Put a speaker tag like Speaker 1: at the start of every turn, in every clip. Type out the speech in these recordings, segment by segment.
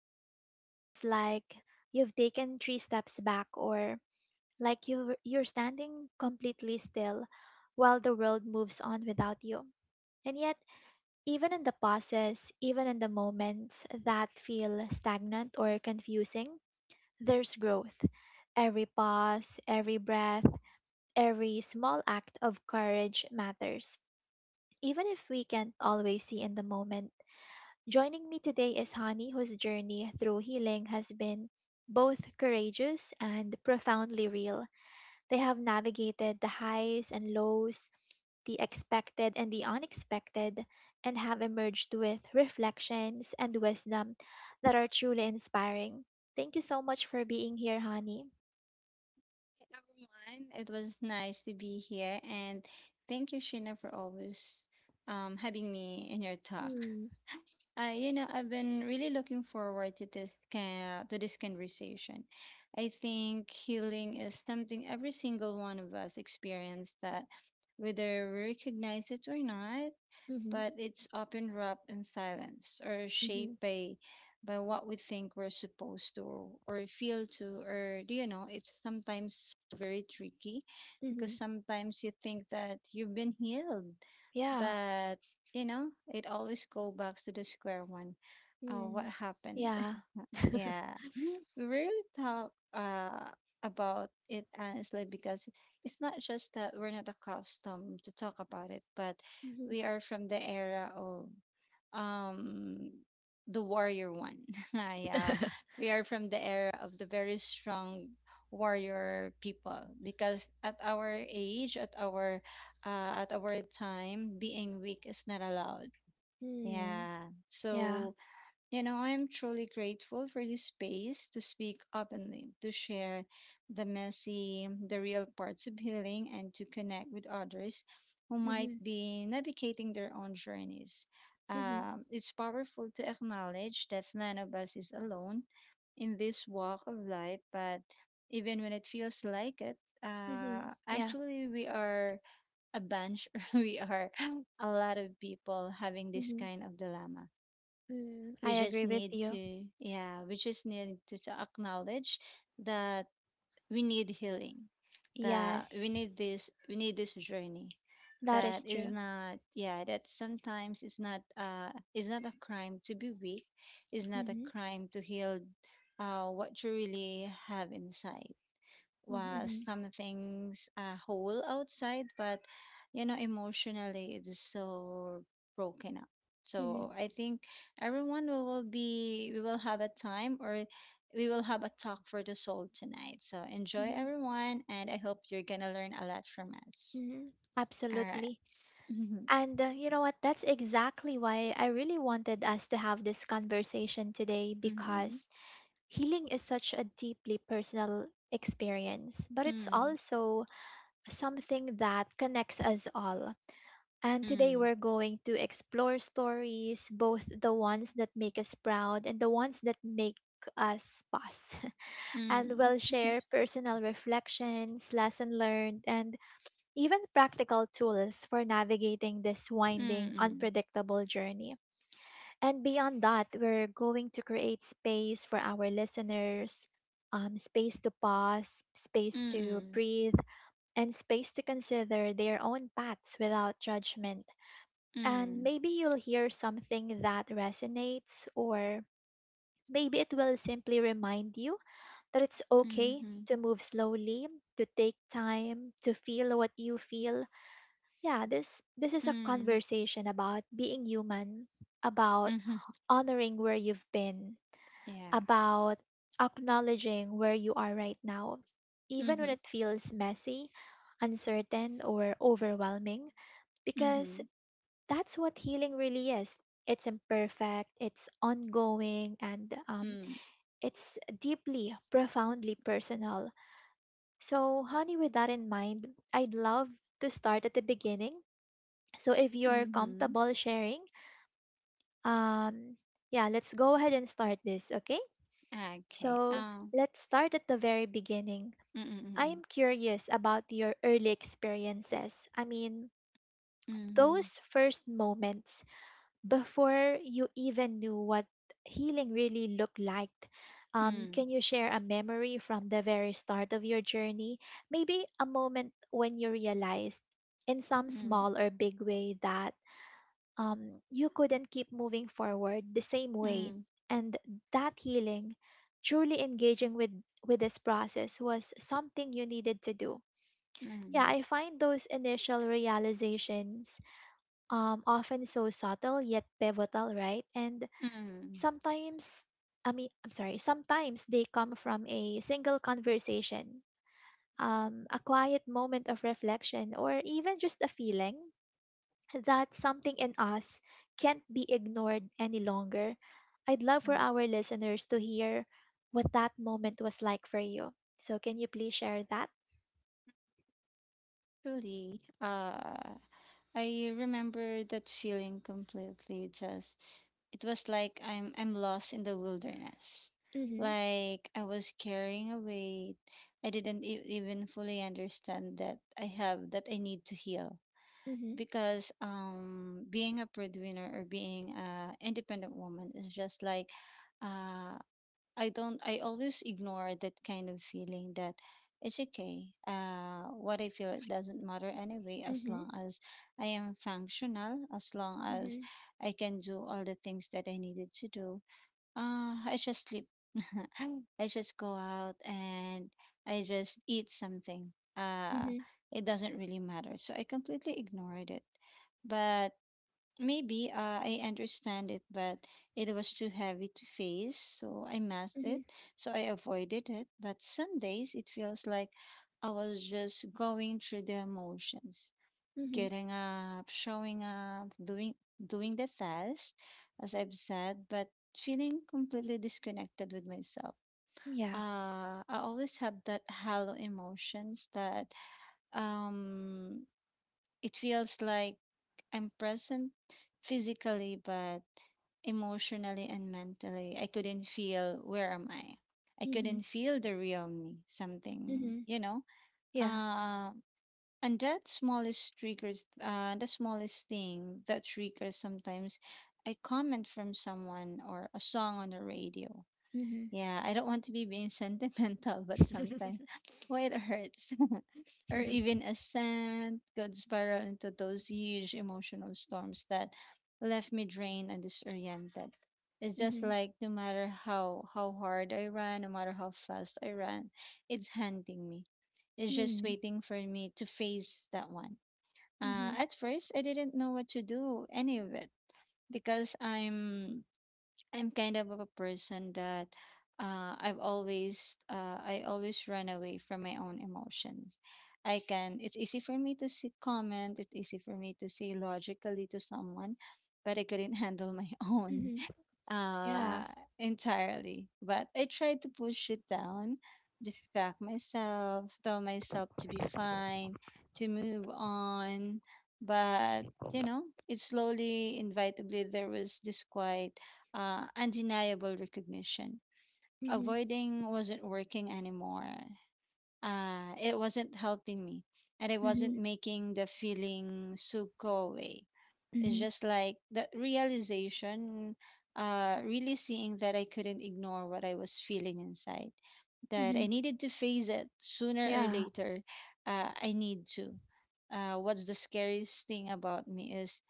Speaker 1: days it feels like you've taken three steps back or like you're standing completely still while the world moves on without you. And yet, even in the pauses, even in the moments that feel stagnant or confusing, there's growth. Every pause, every breath, every small act of courage matters. Even if we can't always see in the moment, joining me today is Hani, whose journey through healing has been both courageous and profoundly real. They have navigated the highs and lows, the expected and the unexpected, and have emerged with reflections and wisdom that are truly inspiring. Thank you so much for being here, honey.
Speaker 2: Hey, everyone. It was nice to be here, and thank you, Sheena, for always having me in your talk.
Speaker 1: Mm,
Speaker 2: I've been really looking forward to this can to this conversation. I think healing is something every single one of us experience that, whether we recognize it or not,
Speaker 1: mm-hmm,
Speaker 2: but it's often wrapped in silence or
Speaker 1: mm-hmm,
Speaker 2: shaped by what we think we're supposed to or feel to or do. It's sometimes very tricky, because
Speaker 1: mm-hmm.
Speaker 2: sometimes you think that you've been healed,
Speaker 1: Yeah.
Speaker 2: but it always go back to the square one. What
Speaker 1: Mm,
Speaker 2: happened.
Speaker 1: yeah.
Speaker 2: Yeah, we rarely talk about it honestly, because it's not just that we're not accustomed to talk about it, but
Speaker 1: Mm-hmm,
Speaker 2: we are from the era of um the warrior one. Yeah, we are from the era of the very strong warrior people, because at our age, at our time, being weak is not allowed.
Speaker 1: mm,
Speaker 2: Yeah,
Speaker 1: yeah.
Speaker 2: so I am truly grateful for this space to speak openly, to share the messy, the real parts of healing, and to connect with others who might
Speaker 1: Mm-hmm,
Speaker 2: be navigating their own journeys.
Speaker 1: mm-hmm,
Speaker 2: It's powerful to acknowledge that none of us is alone in this walk of life, but even when it feels like it,
Speaker 1: mm-hmm, yeah.
Speaker 2: actually, we are a bunch, we are a lot of people having this
Speaker 1: Mm-hmm,
Speaker 2: kind of dilemma.
Speaker 1: mm, I
Speaker 2: We just
Speaker 1: agree with
Speaker 2: need
Speaker 1: you.
Speaker 2: to Yeah, we just need to acknowledge that we need healing, that
Speaker 1: Yes,
Speaker 2: we need this journey.
Speaker 1: that
Speaker 2: That
Speaker 1: is
Speaker 2: is
Speaker 1: true.
Speaker 2: not. Yeah, that sometimes it's not a crime to be weak, it's not a
Speaker 1: Mm-hmm,
Speaker 2: crime to heal. What you really have inside was
Speaker 1: mm-hmm,
Speaker 2: something's, whole outside, but emotionally it is so broken up.
Speaker 1: mm-hmm,
Speaker 2: So I think, everyone, we will be we will have a time, or we will have a talk for the soul tonight. So enjoy,
Speaker 1: mm-hmm.
Speaker 2: everyone, and I hope you're gonna learn a lot from us.
Speaker 1: Mhm,
Speaker 2: All right.
Speaker 1: Absolutely.
Speaker 2: Mm-hmm.
Speaker 1: And you know what? That's exactly why I really wanted us to have this conversation today,
Speaker 2: Mm-hmm.
Speaker 1: because healing is such a deeply personal experience, but it's also something that connects us all. And today
Speaker 2: Mm-hmm.
Speaker 1: we're going to explore stories, both the ones that make us proud and the ones that make us pause. And
Speaker 2: Mm.
Speaker 1: we'll share personal reflections, lesson learned, and even practical tools for navigating this winding,
Speaker 2: Mm. Mm.
Speaker 1: unpredictable journey. And beyond that, we're going to create space for our listeners, space to pause, space to
Speaker 2: Mm.
Speaker 1: breathe, and space to consider their own paths without judgment.
Speaker 2: Mm.
Speaker 1: And
Speaker 2: Mm.
Speaker 1: maybe you'll hear something that resonates, or maybe it will simply remind you that it's
Speaker 2: Mm.
Speaker 1: okay
Speaker 2: Mm.
Speaker 1: to move slowly, to take time, to feel what you feel. Yeah, this is a
Speaker 2: Mm.
Speaker 1: conversation about being human, about
Speaker 2: Mm.
Speaker 1: honoring where you've been,
Speaker 2: Yeah.
Speaker 1: about acknowledging where you are right now. Even when
Speaker 2: Mm-hmm.
Speaker 1: it feels messy, uncertain, or overwhelming, because
Speaker 2: Mm-hmm.
Speaker 1: that's what healing really is. It's imperfect, it's ongoing, and
Speaker 2: Mm.
Speaker 1: it's deeply, profoundly personal. So, honey, with that in mind, I'd love to start at the beginning. So if you're
Speaker 2: Mhm.
Speaker 1: comfortable sharing, um, yeah, let's go ahead and start this, okay?
Speaker 2: Okay.
Speaker 1: So
Speaker 2: Oh.
Speaker 1: let's start at the very beginning. I
Speaker 2: Mm,
Speaker 1: am curious about your early experiences. I mean,
Speaker 2: mm, mm,
Speaker 1: those first moments before you even knew what healing really looked like.
Speaker 2: mm.
Speaker 1: Can you share a memory from the very start of your journey? Maybe a moment when you realized, in some
Speaker 2: Mm,
Speaker 1: small or big way, that you couldn't keep moving forward the same way.
Speaker 2: mm,
Speaker 1: And that healing, truly engaging with this process, was something you needed to do.
Speaker 2: mm,
Speaker 1: Yeah,
Speaker 2: mm,
Speaker 1: I find those initial realizations often so subtle yet pivotal, right? And
Speaker 2: mm,
Speaker 1: sometimes, I mean, I'm sorry, sometimes they come from a single conversation, a quiet moment of reflection, or even just a feeling that something in us can't be ignored any longer. I'd love for
Speaker 2: mm.
Speaker 1: our listeners to hear what that moment was like for you. So can you please share that?
Speaker 2: Truly, I remember that feeling completely. Just, it was like I'm lost in the wilderness.
Speaker 1: Mhm.
Speaker 2: Like I was carrying a weight. I didn't e even fully understand that I have that I need to heal,
Speaker 1: Mhm.
Speaker 2: because being a breadwinner or being a independent woman is just like. uh I don't, I always ignore that kind of feeling, that it's okay. What I feel, it doesn't matter anyway, as
Speaker 1: Mhm.
Speaker 2: long as I am functional, as long as
Speaker 1: Mhm.
Speaker 2: I can do all the things that I needed to do. I just sleep. I just go out and I just eat something.
Speaker 1: Mhm.
Speaker 2: It doesn't really matter. So I completely ignored it. But maybe, I understand it, but it was too heavy to face. So I masked
Speaker 1: Mhm.
Speaker 2: it. So I avoided it. But some days it feels like I was just going through the emotions,
Speaker 1: Mhm.
Speaker 2: getting up, showing up, doing the task, as I've said, but feeling completely disconnected with myself.
Speaker 1: Yeah.
Speaker 2: I always have that hollow emotions that, um, it feels like I'm present physically, but emotionally and mentally, I couldn't feel where am I. I
Speaker 1: Mhm.
Speaker 2: couldn't feel the real me. Something,
Speaker 1: Mhm.
Speaker 2: you know.
Speaker 1: Yeah.
Speaker 2: Uh, and that smallest triggers, the smallest thing that triggers sometimes a comment from someone, or a song on the radio.
Speaker 1: Mhm.
Speaker 2: Yeah, I don't want to be being sentimental, but sometimes
Speaker 1: Mhm.
Speaker 2: why it hurts. Or even a scent could spiral into those huge emotional storms that left me drained and disoriented. It's just
Speaker 1: Mm.
Speaker 2: like, no matter how hard I run, no matter how fast I run, it's hunting me, is just waiting for me to face that one.
Speaker 1: Mhm.
Speaker 2: At first, I didn't know what to do any of it, because I'm kind of a person that, I always run away from my own emotions. I can. It's easy for me to see comment. It's easy for me to say logically to someone, but I couldn't handle my own,
Speaker 1: Mhm. Yeah.
Speaker 2: uh, entirely. But I tried to push it down, distract myself, tell myself to be fine, to move on. But, you know, it slowly, inevitably, there was this quite, undeniable recognition.
Speaker 1: Mhm.
Speaker 2: Avoiding wasn't working anymore. It wasn't helping me, and I wasn't
Speaker 1: Mhm.
Speaker 2: making the feeling so go away. It's
Speaker 1: Mhm.
Speaker 2: just like that realization, really seeing that I couldn't ignore what I was feeling inside, that
Speaker 1: Mhm.
Speaker 2: I needed to face it sooner or
Speaker 1: Yeah.
Speaker 2: later. I need to. What's the scariest thing about me is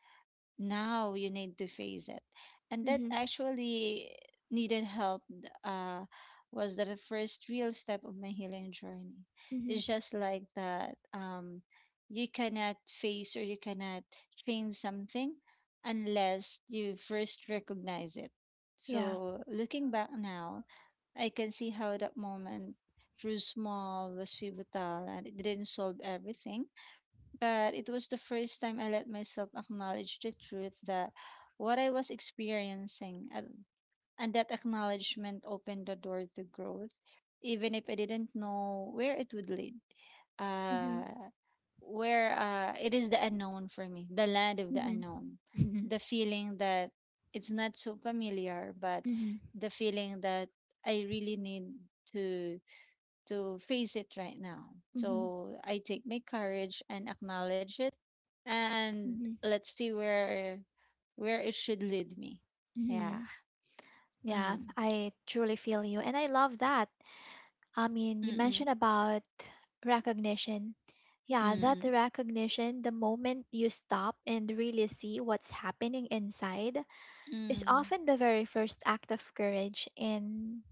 Speaker 2: now you need to face it, and that
Speaker 1: Mhm.
Speaker 2: actually needed help, was the first real step of my healing journey.
Speaker 1: Mhm.
Speaker 2: It's just like that, you cannot face, or you cannot change something unless you first recognize it.
Speaker 1: Yeah.
Speaker 2: So looking back now, I can see how that moment through small was pivotal, and it didn't solve everything, but it was the first time I let myself acknowledge the truth, that what I was experiencing, and that acknowledgement opened the door to growth, even if I didn't know where it would lead. Uh,
Speaker 1: Mhm.
Speaker 2: where It is the unknown for me, the land of the
Speaker 1: Mhm.
Speaker 2: unknown,
Speaker 1: Mhm.
Speaker 2: the feeling that it's not so familiar, but
Speaker 1: Mhm.
Speaker 2: the feeling that I really need to to face it right now.
Speaker 1: Mhm.
Speaker 2: So I take my courage and acknowledge it, and
Speaker 1: Mhm.
Speaker 2: let's see where it should lead me. Yeah.
Speaker 1: Mhm. Yeah,
Speaker 2: Mm.
Speaker 1: I truly feel you. And I love that. I mean, you
Speaker 2: Mm.
Speaker 1: mentioned about recognition. Yeah, that
Speaker 2: Mm.
Speaker 1: recognition, the moment you stop and really see what's happening inside, is
Speaker 2: Mm.
Speaker 1: often the very first act of courage in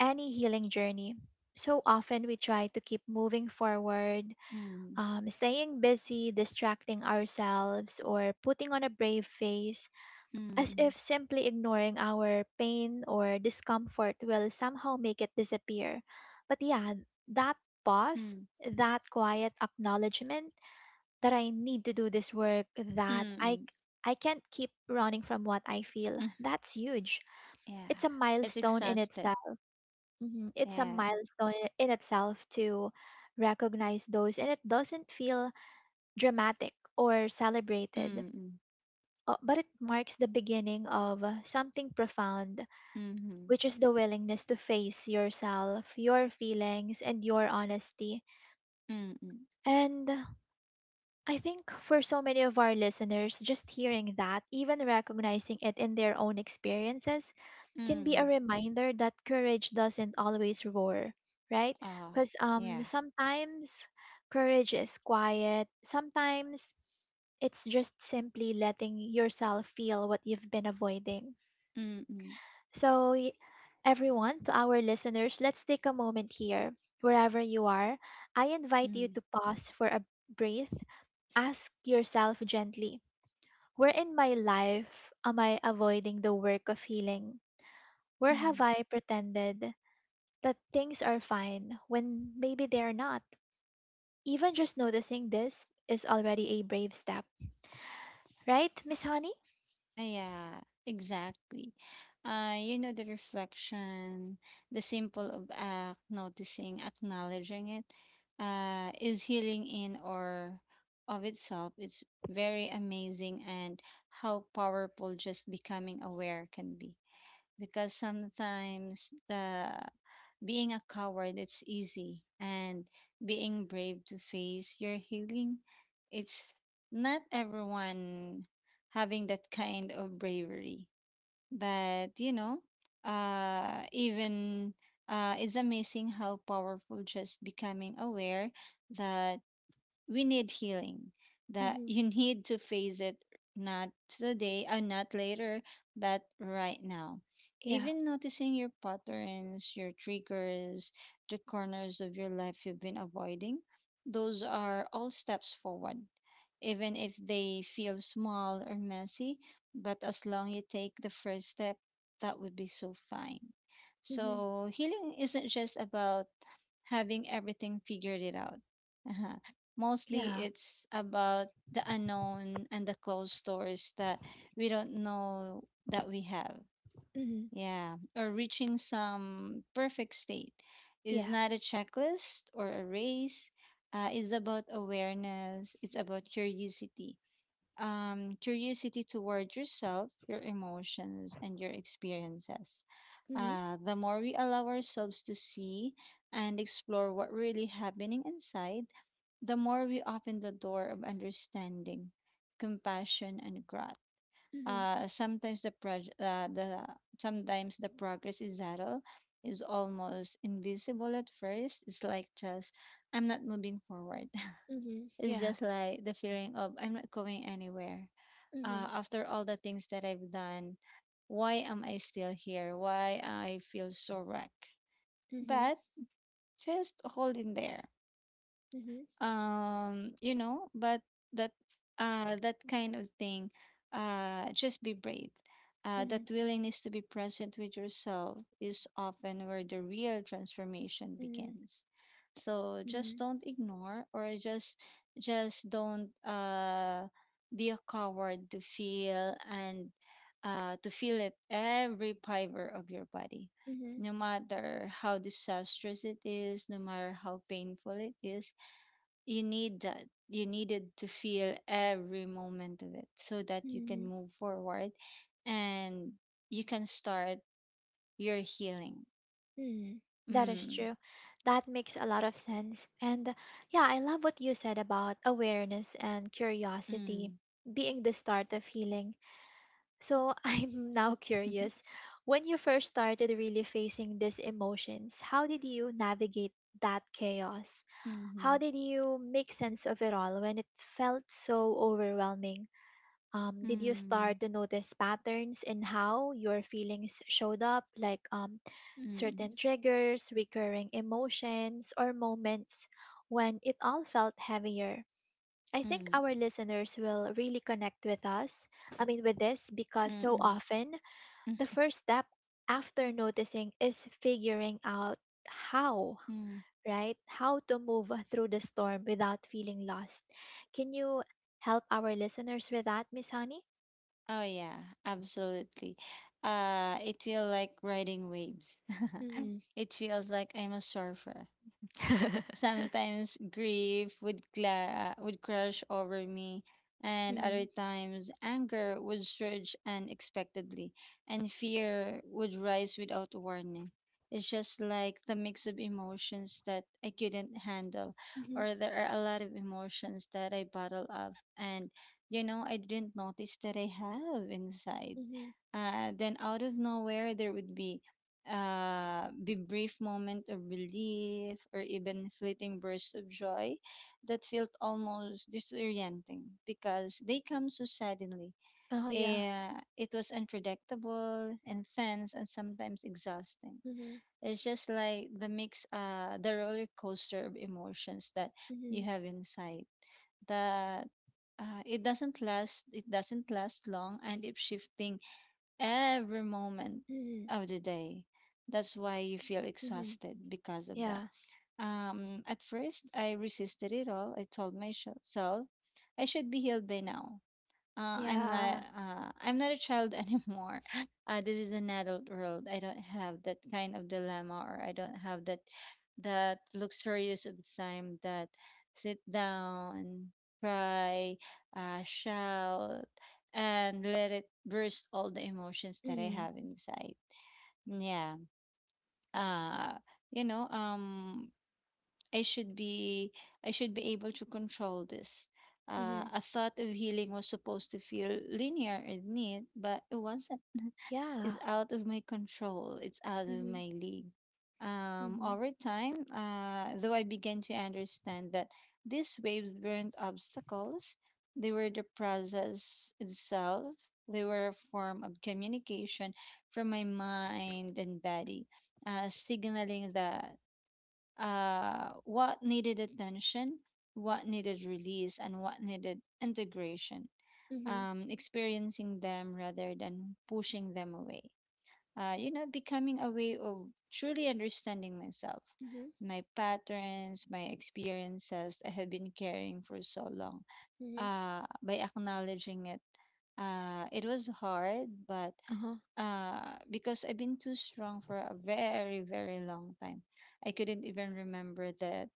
Speaker 1: any healing journey. So often we try to keep moving forward,
Speaker 2: Mm.
Speaker 1: staying busy, distracting ourselves, or putting on a brave face
Speaker 2: Mm.
Speaker 1: as
Speaker 2: Mm.
Speaker 1: if simply ignoring our pain or discomfort will somehow make it disappear. But yeah, that pause,
Speaker 2: Mm.
Speaker 1: that quiet acknowledgement that I need to do this work, that I
Speaker 2: Mm.
Speaker 1: I can't keep running from what I feel.
Speaker 2: Mm.
Speaker 1: That's huge.
Speaker 2: Yeah.
Speaker 1: It's a
Speaker 2: It's
Speaker 1: milestone in
Speaker 2: exhausted.
Speaker 1: itself. Mhm. It's a
Speaker 2: Yeah.
Speaker 1: milestone in itself to recognize those, and it doesn't feel dramatic or celebrated,
Speaker 2: Mm.
Speaker 1: but it marks the beginning of something profound,
Speaker 2: Mm.
Speaker 1: which is the willingness to face yourself, your feelings, and your honesty.
Speaker 2: Mm. Mm.
Speaker 1: And I think for so many of our listeners, just hearing that, even recognizing it in their own experiences, can be a
Speaker 2: Mm.
Speaker 1: reminder that courage doesn't always roar, right?
Speaker 2: Ah.
Speaker 1: Because
Speaker 2: Yeah.
Speaker 1: sometimes courage is quiet, sometimes it's just simply letting yourself feel what you've been avoiding.
Speaker 2: Mm. Mm.
Speaker 1: So, everyone, to our listeners, let's take a moment here. Wherever you are, I invite you
Speaker 2: Mm.
Speaker 1: to pause for a breath. Ask yourself gently, where in my life am I avoiding the work of healing? Where have
Speaker 2: Mm.
Speaker 1: I pretended that things are fine when maybe they are not? Even just noticing this is already a brave step, right, Miss Honey?
Speaker 2: Yeah, exactly. The reflection, the simple of act, noticing, acknowledging it, is healing in or of itself. It's very amazing, and how powerful just becoming aware can be, because sometimes the being a coward it's easy, and being brave to face your healing, it's not everyone having that kind of bravery. But even it's amazing how powerful just becoming aware, that we need healing, that
Speaker 1: Mm-hmm.
Speaker 2: you need to face it, not today or not later, but right now.
Speaker 1: Yeah.
Speaker 2: Even noticing your patterns, your triggers, the corners of your life you've been avoiding, those are all steps forward, even if they feel small or messy, but as long you take the first step, that would be so fine.
Speaker 1: Mm-hmm.
Speaker 2: So healing isn't just about having everything figured it out. Uh-huh. Mostly
Speaker 1: Yeah.
Speaker 2: it's about the unknown and the closed doors that we don't know that we have.
Speaker 1: Mm-hmm.
Speaker 2: Yeah. Or reaching some perfect state is
Speaker 1: Yeah.
Speaker 2: not a checklist or a race. It's about awareness, it's about curiosity. Curiosity toward yourself, your emotions, and your experiences.
Speaker 1: Mm-hmm.
Speaker 2: The more we allow ourselves to see and explore what really happening inside, the more we open the door of understanding, compassion, and growth.
Speaker 1: Mm-hmm.
Speaker 2: Uh, sometimes the proj- uh, the Sometimes the progress is subtle, is almost invisible at first. It's like, just, I'm not moving forward.
Speaker 1: Mm-hmm.
Speaker 2: It's
Speaker 1: Yeah.
Speaker 2: just like the feeling of I'm not going anywhere. After all the things that I've done, why am I still here? Why I feel so wrecked?
Speaker 1: Mhm,
Speaker 2: But just holding there,
Speaker 1: mhm,
Speaker 2: but that, that kind of thing, just be brave, that
Speaker 1: mhm,
Speaker 2: willingness to be present with yourself is often where the real transformation
Speaker 1: mhm,
Speaker 2: begins. So just
Speaker 1: mhm,
Speaker 2: don't ignore, or just don't, be a coward to feel, and to feel it every fiber of your body,
Speaker 1: mhm,
Speaker 2: no matter how disastrous it is, no matter how painful it is. You need that. You needed to feel every moment of it, so that you can
Speaker 1: mhm,
Speaker 2: move forward, and you can start your healing.
Speaker 1: mhm. That is
Speaker 2: Mm,
Speaker 1: true. That makes a lot of sense. And yeah, I love what you said about awareness and curiosity
Speaker 2: mm,
Speaker 1: being the start of healing. So I'm now
Speaker 2: mm-hmm,
Speaker 1: curious, when you first started really facing these emotions, how did you navigate that chaos? How did you make sense of it all when it felt so overwhelming? Did you
Speaker 2: mm,
Speaker 1: start to notice patterns in how your feelings showed up, like certain
Speaker 2: mm,
Speaker 1: triggers, recurring emotions, or moments when it all felt heavier? I
Speaker 2: mm,
Speaker 1: think
Speaker 2: mm,
Speaker 1: our listeners will really connect with us, I mean, with this, because so
Speaker 2: mm,
Speaker 1: often
Speaker 2: mm.
Speaker 1: the first step after noticing is figuring out how,
Speaker 2: Mm.
Speaker 1: right? How to move through the storm without feeling lost. Can you help our listeners with that, Miss Honey?
Speaker 2: Oh, yeah, absolutely. It feels like riding waves. It feels like I'm a surfer. Sometimes grief would crush over me, and
Speaker 1: Mhm.
Speaker 2: other times anger would surge unexpectedly, and fear would rise without warning. It's just like the mix of emotions that I couldn't handle,
Speaker 1: Mhm.
Speaker 2: or there are a lot of emotions that I bottle up, and I didn't notice that I have inside.
Speaker 1: Mhm.
Speaker 2: Then, out of nowhere, there would be, brief moment of relief, or even fleeting bursts of joy, that felt almost disorienting, because they come so suddenly.
Speaker 1: Oh yeah.
Speaker 2: It was unpredictable, intense, and sometimes exhausting.
Speaker 1: Mhm.
Speaker 2: It's just like the roller coaster of emotions that you
Speaker 1: Mhm.
Speaker 2: have inside, that, it doesn't last long, and it shifting every moment
Speaker 1: Mhm.
Speaker 2: of the day. That's why you feel
Speaker 1: Mhm.
Speaker 2: exhausted because of that.
Speaker 1: Yeah.
Speaker 2: At first, I resisted it all. I told myself I should be healed by now. I'm not.
Speaker 1: Yeah.
Speaker 2: I'm not a child anymore. This is an adult world. I don't have that kind of dilemma, or I don't have that luxurious of time that sit down, cry, shout, and let it burst all the emotions that I
Speaker 1: Mhm.
Speaker 2: have inside. Yeah. Uh, you know. Um. I should be I should be able to control this. Uh,
Speaker 1: Mhm.
Speaker 2: a thought of healing was supposed to feel linear and neat, but it wasn't.
Speaker 1: Yeah.
Speaker 2: It's out of my control. It's out of
Speaker 1: Mhm.
Speaker 2: my league. Um,
Speaker 1: Mhm.
Speaker 2: over time, though, I began to understand that these waves weren't obstacles. They were the process itself. They were a form of communication from my mind and body, signaling that what needed attention, what needed release, and what needed integration.
Speaker 1: Mhm.
Speaker 2: Experiencing them rather than pushing them away. Becoming a way of truly understanding myself,
Speaker 1: Mhm.
Speaker 2: my patterns, my experiences I have been carrying for so long.
Speaker 1: Mhm.
Speaker 2: By acknowledging it, it was hard, but
Speaker 1: Uh-huh.
Speaker 2: because I've been too strong for a very, very long time, I couldn't even remember that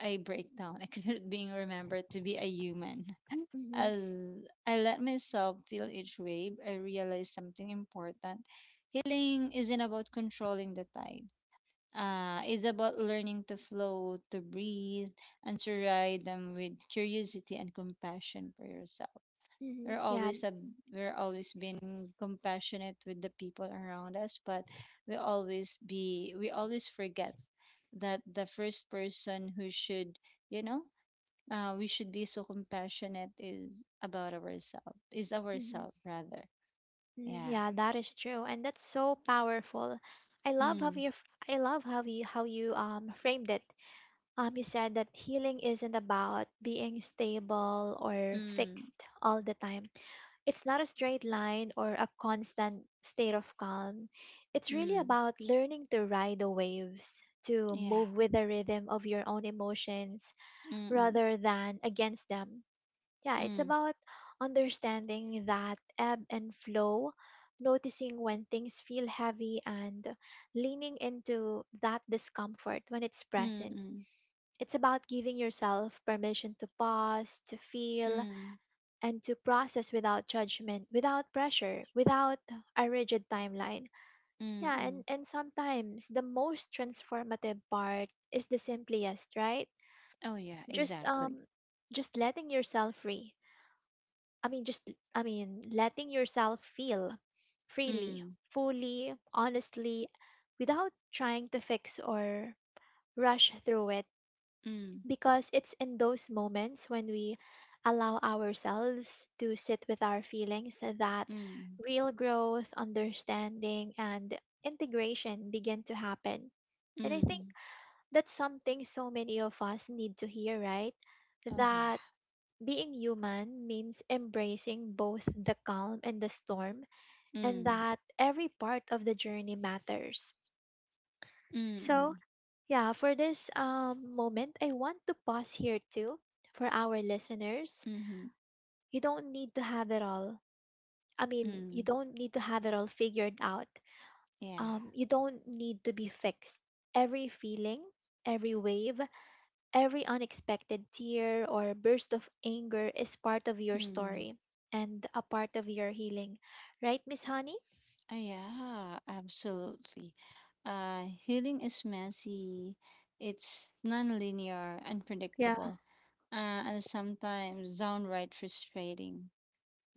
Speaker 2: I break down. I couldn't being remembered to be a human.
Speaker 1: Mhm.
Speaker 2: As I let myself feel each wave, I realized something important. Healing isn't about controlling the tide. It's about learning to flow, to breathe, and to ride them with curiosity and compassion for yourself.
Speaker 1: Mhm.
Speaker 2: we're
Speaker 1: Yeah.
Speaker 2: always a, we're always being compassionate with the people around us, but we always forget that the first person who should, you know we should be so compassionate is about ourselves is
Speaker 1: Mhm.
Speaker 2: ourselves rather.
Speaker 1: Mhm.
Speaker 2: Yeah.
Speaker 1: Yeah, that is true, and that's so powerful. I love how
Speaker 2: Mm,
Speaker 1: you, I love how you framed it. You said that healing isn't about being stable or
Speaker 2: mm,
Speaker 1: fixed all the time. It's not a straight line or a constant state of calm. It's really
Speaker 2: mm.
Speaker 1: about learning to ride the waves, to
Speaker 2: Yeah.
Speaker 1: move with the rhythm of your own emotions
Speaker 2: Mm, mm,
Speaker 1: rather than against them. Yeah, it's
Speaker 2: mm,
Speaker 1: about understanding that ebb and flow, noticing when things feel heavy, and leaning into that discomfort when it's
Speaker 2: mm,
Speaker 1: present.
Speaker 2: mm,
Speaker 1: It's about giving yourself permission to pause, to feel,
Speaker 2: mm,
Speaker 1: and to process without judgment, without pressure, without a rigid timeline.
Speaker 2: mm.
Speaker 1: Yeah,
Speaker 2: Mm.
Speaker 1: and sometimes the most transformative part is the simplest, right?
Speaker 2: Oh yeah,
Speaker 1: Just
Speaker 2: exactly.
Speaker 1: um just letting yourself free. I mean just I mean letting yourself feel freely,
Speaker 2: Mm,
Speaker 1: fully, honestly, without trying to fix or rush through it,
Speaker 2: mm,
Speaker 1: because it's in those moments when we allow ourselves to sit with our feelings that
Speaker 2: mm, mm,
Speaker 1: real growth, understanding, and integration begin to happen. And I think
Speaker 2: mm.
Speaker 1: that's something so many of us need to hear, right?
Speaker 2: Oh yeah.
Speaker 1: That being human means embracing both the calm and the storm, and
Speaker 2: Mm.
Speaker 1: that every part of the journey matters. So,
Speaker 2: Mm,
Speaker 1: yeah, for this moment, I want to pause here too for our listeners.
Speaker 2: mm,
Speaker 1: You don't need to have it all. I mean, you
Speaker 2: mm,
Speaker 1: don't need to have it all figured out.
Speaker 2: yeah,
Speaker 1: You don't need to be fixed. Every feeling, every wave, every unexpected tear or burst of anger is part of your
Speaker 2: mm.
Speaker 1: story and a part of your healing. Right, Miss Honey?
Speaker 2: Yeah, absolutely. Healing is messy, it's non-linear,
Speaker 1: Yeah.
Speaker 2: unpredictable, uh, and sometimes downright frustrating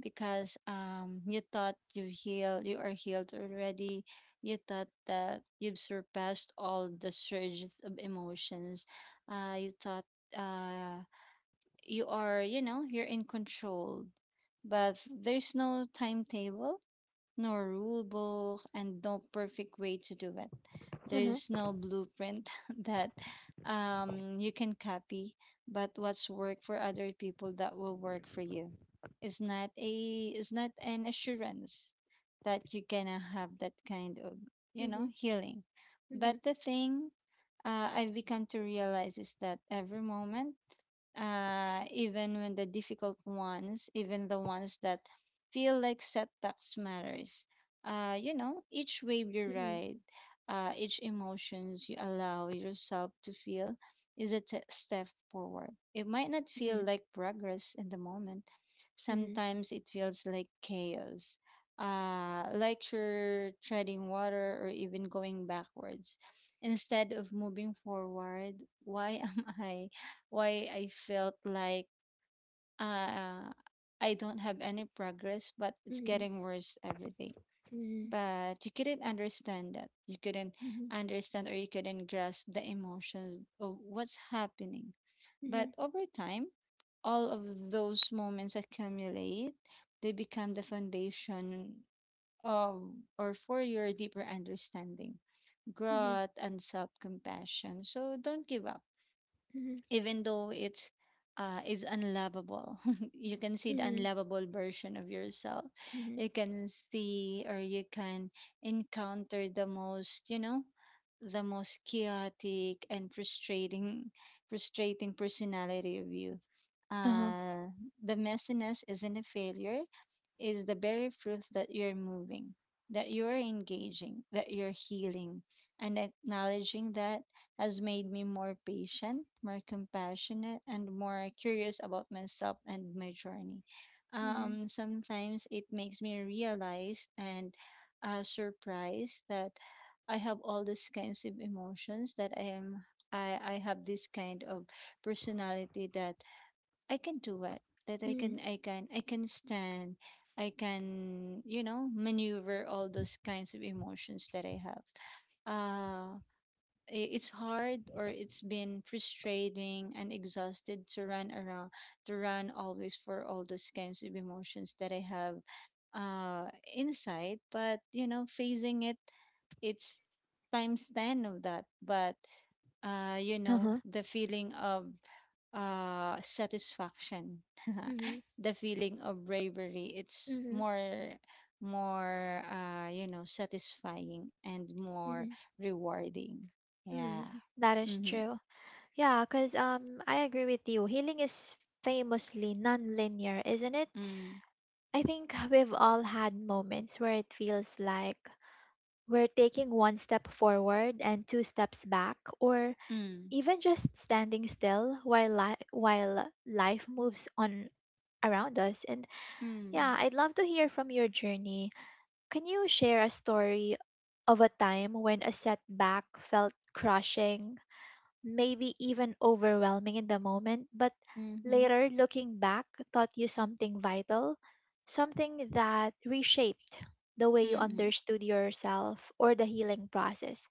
Speaker 2: because you thought you healed, you are healed already. You thought that you've surpassed all the surges of emotions. You thought uh you are, you know, you're in control. But there's no timetable, no rule book, and no perfect way to do it.
Speaker 1: Mm-hmm.
Speaker 2: There's no blueprint that you can copy, but what's work for other people that will work for you. It's not a it's not an assurance that you're gonna have that kind of, you
Speaker 1: Mm-hmm.
Speaker 2: know, healing.
Speaker 1: Mm-hmm.
Speaker 2: But the thing I've become to realize is that every moment, even when the difficult ones, even the ones that feel like setbacks matters. Each wave you ride, each emotions you allow yourself to feel is a step forward. It might not
Speaker 1: Mm-hmm.
Speaker 2: feel like progress in the moment.
Speaker 1: Mm-hmm.
Speaker 2: Sometimes it feels like chaos, like you're treading water or even going backwards. Instead of moving forward, why am I? Why I felt like uh, I don't have any progress, but it's
Speaker 1: Mm-hmm. Mm-hmm.
Speaker 2: getting worse every day.
Speaker 1: Mm-hmm.
Speaker 2: But you couldn't understand that. You couldn't
Speaker 1: Mm-hmm.
Speaker 2: understand, or you couldn't grasp the emotions of what's happening. But
Speaker 1: Mm-hmm.
Speaker 2: over time, all of those moments accumulate, they become the foundation of or for your deeper understanding, growth, and self compassion. So don't give up
Speaker 1: Mm-hmm.
Speaker 2: even though it's is unlovable. You can see the
Speaker 1: Mhm,
Speaker 2: unlovable version of yourself.
Speaker 1: mhm.
Speaker 2: You can see or you can encounter the most, you know, the most chaotic and frustrating personality of you.
Speaker 1: Uh-huh.
Speaker 2: Uh the messiness isn't a failure, is the very proof that you're moving, that you're engaging, that you're healing, and acknowledging that has made me more patient, more compassionate, and more curious about myself and my journey.
Speaker 1: Mhm,
Speaker 2: Sometimes it makes me realize and surprised that I have all these kinds of emotions that I have this kind of personality that I can do it, that
Speaker 1: mhm,
Speaker 2: I can stand, I can, you know, maneuver all those kinds of emotions that I have. It's hard or it's been frustrating and exhausted to run around, to run always for all those kinds of emotions that I have inside, but you know, facing it, it's times 10 of that. But you know,
Speaker 1: Uh-huh.
Speaker 2: the feeling of satisfaction,
Speaker 1: mhm,
Speaker 2: the feeling of bravery, it's
Speaker 1: mhm,
Speaker 2: more, more, you know, satisfying and more
Speaker 1: mhm,
Speaker 2: rewarding. Yeah.
Speaker 1: mhm. That is
Speaker 2: Mm-hmm.
Speaker 1: true. Yeah, because I agree with you. Healing is famously non-linear, isn't it?
Speaker 2: Mm.
Speaker 1: I think we've all had moments where it feels like we're taking one step forward and two steps back, or
Speaker 2: Mm.
Speaker 1: even just standing still while li while life moves on around us. And yeah,
Speaker 2: Mm.
Speaker 1: I'd love to hear from your journey. Can you share a story of a time when a setback felt crushing, maybe even overwhelming in the moment, but
Speaker 2: Mm-hmm.
Speaker 1: later looking back taught you something vital, something that reshaped the way you
Speaker 2: Mm.
Speaker 1: understood yourself or the healing process?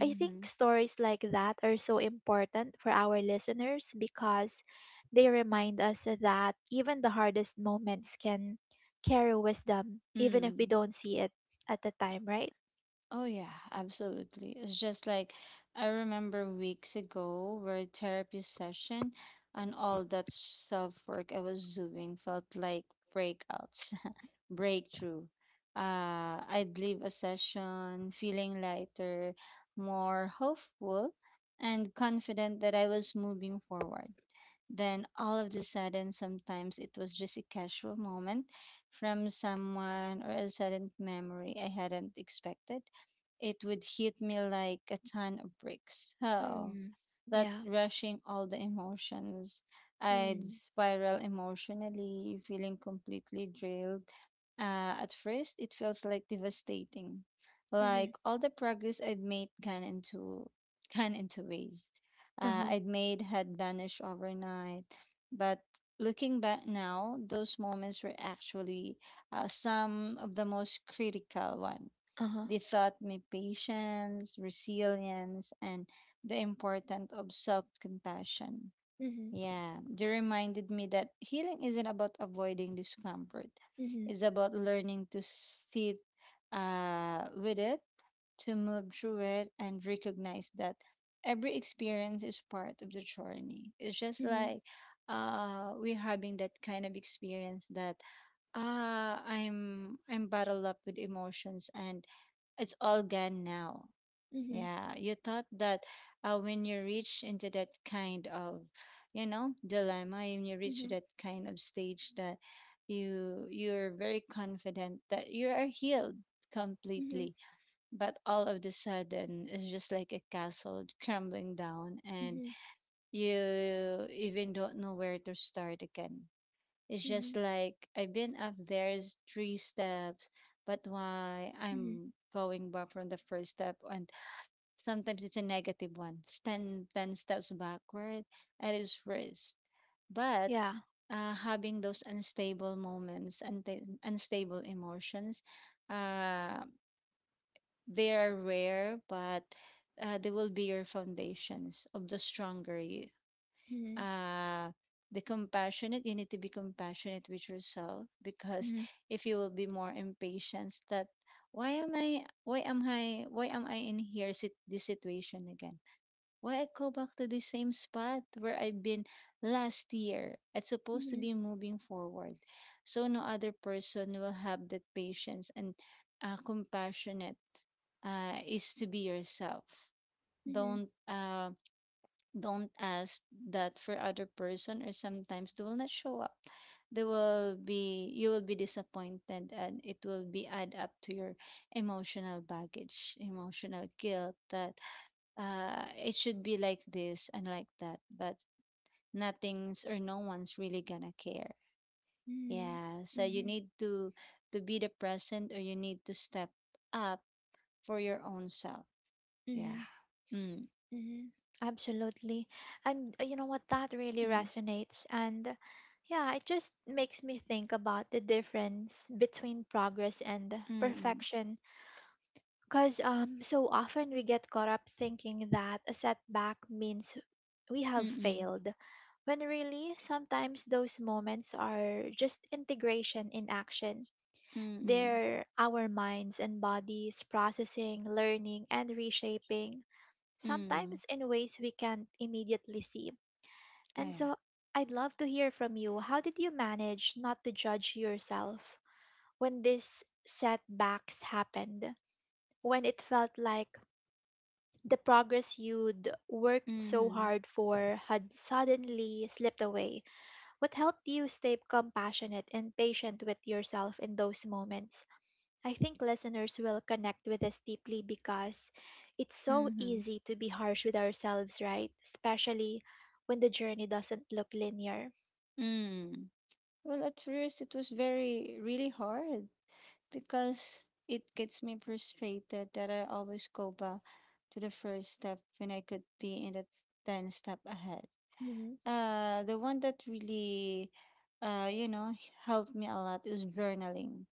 Speaker 1: I think stories like that are so important for our listeners because they remind us that even the hardest moments can carry wisdom, even if we
Speaker 2: Mm.
Speaker 1: don't see it at the time, right?
Speaker 2: Oh yeah, absolutely. It's just like I remember weeks ago where therapy session and all that self work I was doing felt like breakouts breakthrough. I'd leave a session feeling lighter, more hopeful, and confident that I was moving forward. Then, all of the sudden, sometimes it was just a casual moment from someone or a sudden memory I hadn't expected. It would hit me like a ton of bricks. Oh,
Speaker 1: Hmm.
Speaker 2: that
Speaker 1: Yeah.
Speaker 2: rushing all the emotions. I'd
Speaker 1: Hmm.
Speaker 2: spiral emotionally, feeling completely drilled. At first, it feels like devastating,
Speaker 1: Mm-hmm.
Speaker 2: like all the progress I would made gone into gone into waste.
Speaker 1: Uh-huh.
Speaker 2: I'd made had vanished overnight, but looking back now, those moments were actually some of the most critical ones.
Speaker 1: Uh-huh.
Speaker 2: They taught me patience, resilience, and the importance of self compassion.
Speaker 1: Mm-hmm.
Speaker 2: Yeah, they reminded me that healing isn't about avoiding discomfort.
Speaker 1: Mm-hmm.
Speaker 2: It's about learning to sit with it, to move through it, and recognize that every experience is part of the journey. It's just
Speaker 1: Mm-hmm.
Speaker 2: like we're having that kind of experience that ah, I'm bottled up with emotions and it's all gone now.
Speaker 1: Mm-hmm.
Speaker 2: Yeah, you thought that when you reach into that kind of, you know, dilemma, and you reach
Speaker 1: Mm-hmm.
Speaker 2: that kind of stage that you're very confident that you are healed
Speaker 1: Mm-hmm.
Speaker 2: completely, but all of the sudden it's just like a castle crumbling down, and
Speaker 1: Mm-hmm.
Speaker 2: you even don't know where to start again. It's just
Speaker 1: Mm-hmm.
Speaker 2: like I've been up there is three steps, but why
Speaker 1: Mhm.
Speaker 2: I'm going back from the first step on. Sometimes it's a negative one. Stand 10 steps backward at its worst. But
Speaker 1: Yeah.
Speaker 2: having those unstable moments and unstable emotions, uh, they are rare, but they will be your foundations of the stronger you.
Speaker 1: Mhm.
Speaker 2: Uh, the compassionate, you need to be compassionate with yourself, because
Speaker 1: Mhm.
Speaker 2: if you will be more impatient, that, why am I in here sit this situation again? Why I go back to the same spot where I've been last year? It's supposed to
Speaker 1: Mhm.
Speaker 2: be moving forward. So no other person will have that patience and compassionate, is to be yourself.
Speaker 1: Mhm.
Speaker 2: Don't uh, don't ask that for other person, or sometimes they will not show up. They will be you will be disappointed, and it will be add up to your emotional baggage, emotional guilt that it should be like this and like that, but nothing's or no one's really gonna care.
Speaker 1: Mhm.
Speaker 2: Yeah, so you
Speaker 1: Mhm.
Speaker 2: need to be the present, or you need to step up for your own self. Yeah.
Speaker 1: Mhm.
Speaker 2: Mm.
Speaker 1: Mhm. Absolutely. And you know what? That really
Speaker 2: Mm.
Speaker 1: resonates. And yeah, it just makes me think about the difference between progress and
Speaker 2: Mm.
Speaker 1: perfection. Because so often we get caught up thinking that a setback means we have
Speaker 2: Mm. Mm.
Speaker 1: failed, when really sometimes those moments are just integration in action.
Speaker 2: Mm.
Speaker 1: They're our minds and bodies processing, learning, and reshaping,
Speaker 2: Mm.
Speaker 1: sometimes in ways we can't immediately see.
Speaker 2: Ah,
Speaker 1: And
Speaker 2: yeah.
Speaker 1: so I'd love to hear from you. How did you manage not to judge yourself when these setbacks happened? When it felt like the progress you'd worked so
Speaker 2: Mm-hmm.
Speaker 1: hard for had suddenly slipped away? What helped you stay compassionate and patient with yourself in those moments? I think listeners will connect with this deeply because it's so
Speaker 2: Mm-hmm.
Speaker 1: easy to be harsh with ourselves, right? Especially when the journey doesn't look linear.
Speaker 2: Mm. Well, at first it was very really hard because it gets me frustrated that I always go back to the first step when I could be in the 10 step ahead.
Speaker 1: Mm-hmm.
Speaker 2: The one that really, uh, you know, helped me a lot is journaling.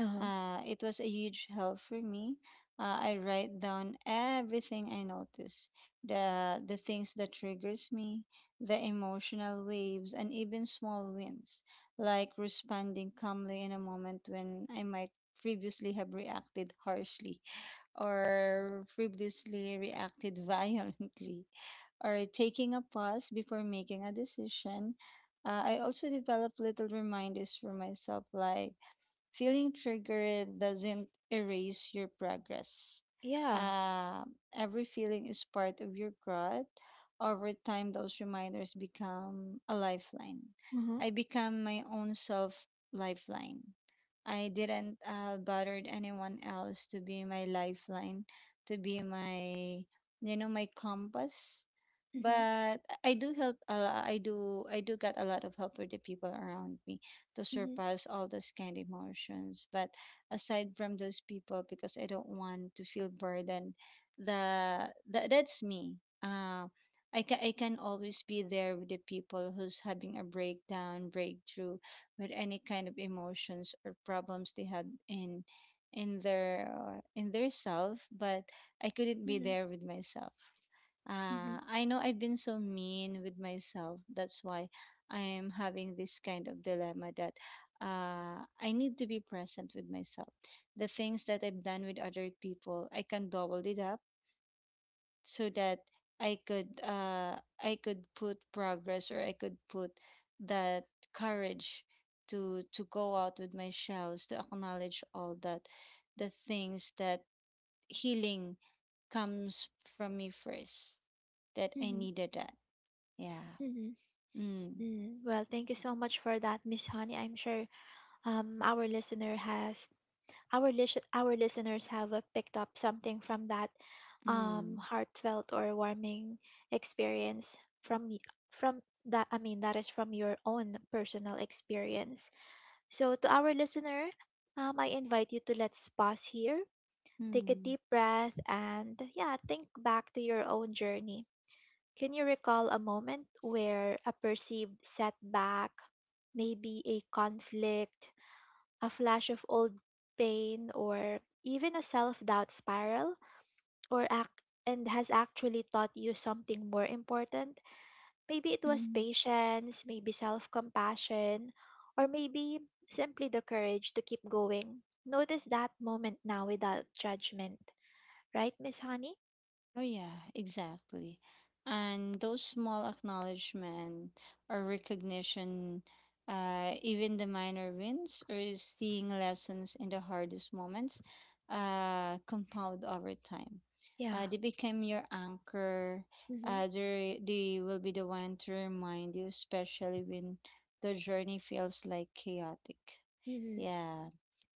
Speaker 1: Uh-huh.
Speaker 2: It was a huge help for me. I write down everything I notice, the things that triggers me, the emotional waves, and even small wins, like responding calmly in a moment when I might previously have reacted harshly or previously reacted violently, or taking a pause before making a decision. I also develop little reminders for myself like: feeling triggered doesn't erase your progress.
Speaker 1: Yeah.
Speaker 2: Uh, every feeling is part of your growth. Over time, those reminders become a lifeline.
Speaker 1: Uh-huh.
Speaker 2: I become my own self lifeline. I didn't bothered anyone else to be my lifeline, to be my, you know, my compass.
Speaker 1: Mm-hmm.
Speaker 2: But I do help. I do get a lot of help with the people around me to
Speaker 1: Mm-hmm.
Speaker 2: surpass all those kind of emotions. But aside from those people, because I don't want to feel burdened, the that's me. Uh, I can always be there with the people who's having a breakdown, breakthrough with any kind of emotions or problems they had in their self, but I couldn't be
Speaker 1: Mm-hmm.
Speaker 2: there with myself.
Speaker 1: Mm-hmm.
Speaker 2: I know I've been so mean with myself, that's why I am having this kind of dilemma, that I need to be present with myself. The things that I've done with other people I can double it up, so that I could put progress, or I could put that courage to go out with my shells, to acknowledge all that, the things that healing comes from me first, that I
Speaker 1: Mm-hmm.
Speaker 2: needed that. Yeah.
Speaker 1: Mm-hmm.
Speaker 2: Mm.
Speaker 1: Mm. Well, thank you so much for that, Miss Honey. I'm sure our listener has our lis- our listeners have picked up something from that
Speaker 2: Mm.
Speaker 1: heartfelt or warming experience from y- from that, I mean, that is from your own personal experience. So to our listener, I invite you to let's pause here, take a
Speaker 2: Mm.
Speaker 1: deep breath, and yeah, think back to your own journey. Can you recall a moment where a perceived setback, maybe a conflict, a flash of old pain, or even a self doubt spiral, or act and has actually taught you something more important? Maybe it was
Speaker 2: Mm.
Speaker 1: patience, maybe self compassion, or maybe simply the courage to keep going. Notice that moment now without judgment. Right, Miss Honey?
Speaker 2: Oh yeah, exactly. And those small acknowledgement or recognition, even the minor wins or seeing lessons in the hardest moments, compound over time.
Speaker 1: Yeah.
Speaker 2: They become your anchor.
Speaker 1: Mm-hmm.
Speaker 2: They will be the one to remind you, especially when the journey feels like chaotic.
Speaker 1: Mm-hmm.
Speaker 2: Yeah,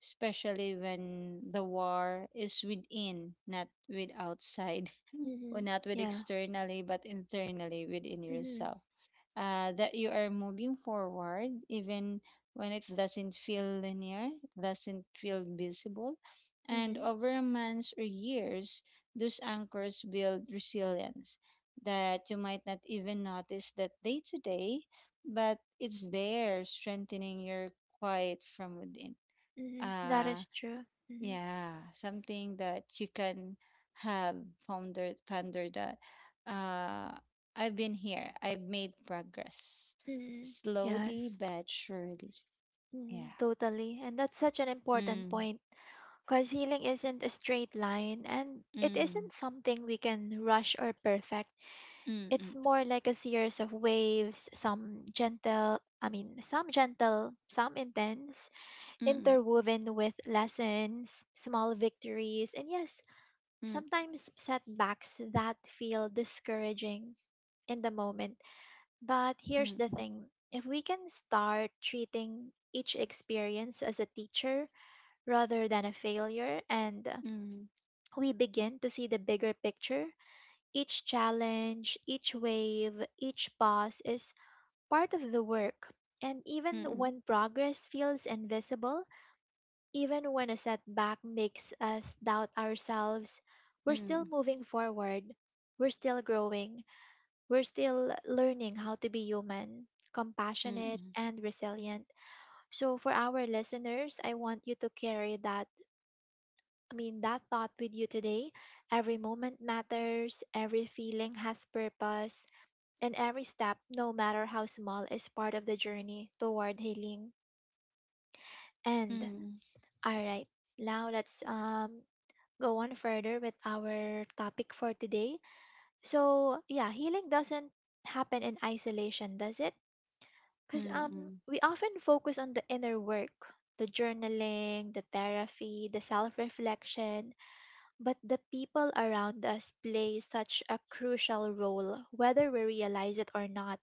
Speaker 2: especially when the war is within, not with outside or
Speaker 1: Mm-hmm.
Speaker 2: not with
Speaker 1: Yeah.
Speaker 2: externally but internally within
Speaker 1: Mm-hmm.
Speaker 2: yourself, that you are moving forward even when it doesn't feel linear, it doesn't feel visible, and
Speaker 1: Mm-hmm.
Speaker 2: over months or years those anchors build resilience that you might not even notice that day to day, but it's there strengthening your quiet from within.
Speaker 1: Mm-hmm. That
Speaker 2: uh
Speaker 1: is true. Mm-hmm.
Speaker 2: yeah, something that you can have, founder that uh I've been here. I've made progress.
Speaker 1: Mm-hmm.
Speaker 2: Slowly
Speaker 1: Yes.
Speaker 2: but surely.
Speaker 1: Mhm,
Speaker 2: Yeah.
Speaker 1: totally. And that's such an important
Speaker 2: Mm.
Speaker 1: point because healing isn't a straight line, and it
Speaker 2: Mm.
Speaker 1: isn't something we can rush or perfect. It's
Speaker 2: Mm.
Speaker 1: more like a series of waves, some gentle, I mean, some gentle, some intense,
Speaker 2: Mm. Mm.
Speaker 1: interwoven with lessons, small victories, and yes, sometimes setbacks that feel discouraging in the moment. But here's the
Speaker 2: Mm.
Speaker 1: thing: if we can start treating each experience as a teacher rather than a failure, and
Speaker 2: Mm.
Speaker 1: we begin to see the bigger picture. Each challenge, each wave, each pause is part of the work. And even
Speaker 2: Mm.
Speaker 1: when progress feels invisible, even when a setback makes us doubt ourselves, we're still
Speaker 2: Mm.
Speaker 1: moving forward. We're still growing. We're still learning how to be human,
Speaker 2: Mm.
Speaker 1: compassionate,
Speaker 2: Mm.
Speaker 1: and resilient. So, for our listeners, I want you to carry that, I mean, that thought with you today. Every moment matters, every feeling has purpose, and every step, no matter how small, is part of the journey toward healing. And,
Speaker 2: Mm.
Speaker 1: all right, now let's go on further with our topic for today. So, yeah, healing doesn't happen in isolation, does it? Because
Speaker 2: Mm.
Speaker 1: we often focus on the inner work, the journaling, the therapy, the self reflection, but the people around us play such a crucial role, whether we realize it or not.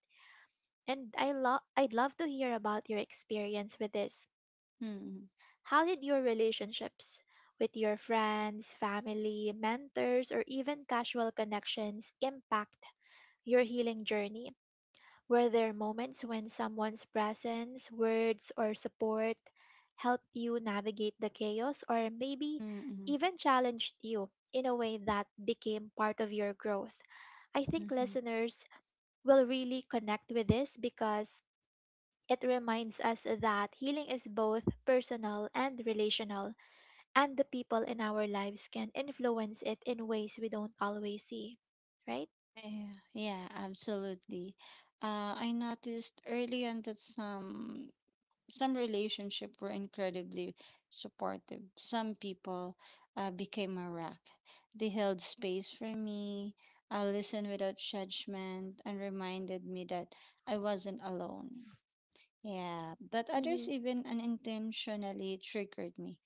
Speaker 1: And I'd love to hear about your experience with this.
Speaker 2: Mm.
Speaker 1: How did your relationships with your friends, family, mentors, or even casual connections impact your healing journey? Were there moments when someone's presence, words, or support helped you navigate the chaos, or maybe
Speaker 2: Mm.
Speaker 1: even challenged you in a way that became part of your growth? I think
Speaker 2: Mm.
Speaker 1: listeners will really connect with this because it reminds us that healing is both personal and relational, and the people in our lives can influence it in ways we don't always see, right?
Speaker 2: Yeah, yeah, absolutely. I noticed early on that some relationships were incredibly supportive. Some people became a rock. They held space for me, listened without judgment, and reminded me that I wasn't alone. Yeah, but
Speaker 1: Mm-hmm.
Speaker 2: others even unintentionally triggered me.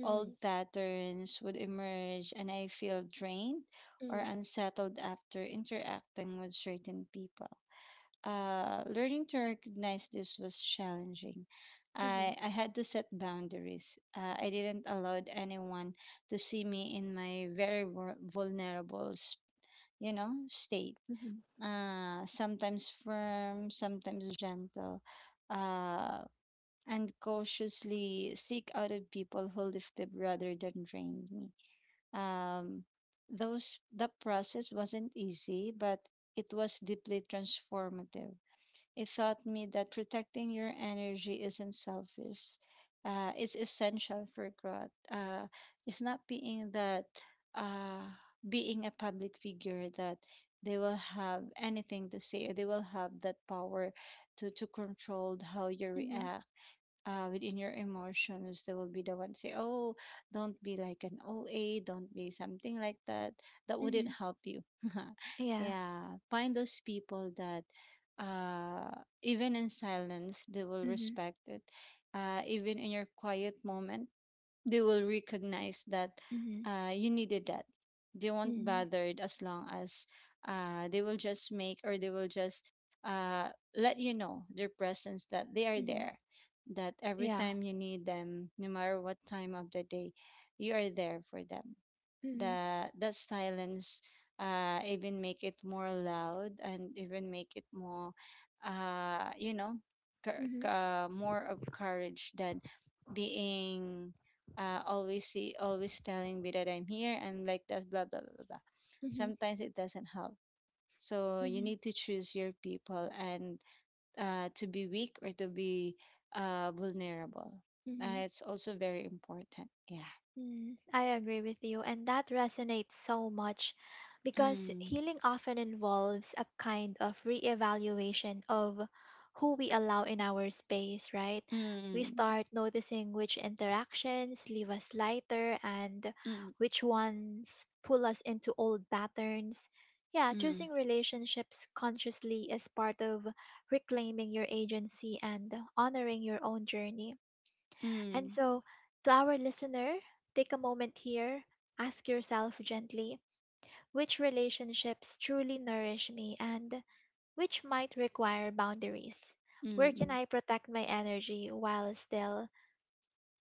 Speaker 1: Mm-hmm.
Speaker 2: Old patterns would emerge, and I feel drained or
Speaker 1: Mm-hmm.
Speaker 2: unsettled after interacting with certain people. Learning to recognize this was challenging.
Speaker 1: Mm-hmm.
Speaker 2: I had to set boundaries. I didn't allow anyone to see me in my very vulnerable, you know, state. Sometimes firm, sometimes gentle, uh, and cautiously seek out of people who lifted rather than drained me. Um, those the process wasn't easy, but it was deeply transformative. It taught me that protecting your energy isn't selfish. It's essential for growth. It's not being that uh, being a public figure that they will have anything to say. They will have that power to control how you
Speaker 1: Mm-hmm.
Speaker 2: react within your emotions. They will be the one say, "Oh, don't be like an OA, don't be something like that." That wouldn't
Speaker 1: Mm-hmm.
Speaker 2: help you.
Speaker 1: Yeah.
Speaker 2: Yeah, find those people that, uh, even in silence, they will
Speaker 1: Mhm.
Speaker 2: respect it. Even in your quiet moment, they will recognize that
Speaker 1: Mhm.
Speaker 2: you needed that. They won't
Speaker 1: Mhm.
Speaker 2: bothered as long as they will just make, or they will just uh, let you know their presence that they are
Speaker 1: Mhm.
Speaker 2: there. That every
Speaker 1: Yeah.
Speaker 2: time you need them, no matter what time of the day, you are there for them.
Speaker 1: Mhm.
Speaker 2: That silence even make it more loud and even make it more uh you know
Speaker 1: Mhm.
Speaker 2: more of courage than being always see, always telling me that I'm here and like that, blah blah blah blah blah.
Speaker 1: Mhm.
Speaker 2: Sometimes it doesn't help. So you
Speaker 1: Mhm.
Speaker 2: need to choose your people, and to be weak or to be vulnerable.
Speaker 1: Mhm.
Speaker 2: It's also very important. Yeah.
Speaker 1: Mm, I agree with you, and that resonates so much, because
Speaker 2: Mm.
Speaker 1: healing often involves a kind of reevaluation of who we allow in our space, right?
Speaker 2: Mm.
Speaker 1: We
Speaker 2: Mm.
Speaker 1: start noticing which interactions leave us lighter and
Speaker 2: Mm.
Speaker 1: which ones pull us into old patterns. Yeah,
Speaker 2: Mm,
Speaker 1: choosing relationships consciously is part of reclaiming your agency and honoring your own journey. And
Speaker 2: mm,
Speaker 1: so, to our listener, take a moment here, ask yourself gently: which relationships truly nourish me, and which might require boundaries?
Speaker 2: mm.
Speaker 1: Where can
Speaker 2: Mm.
Speaker 1: I protect my energy while still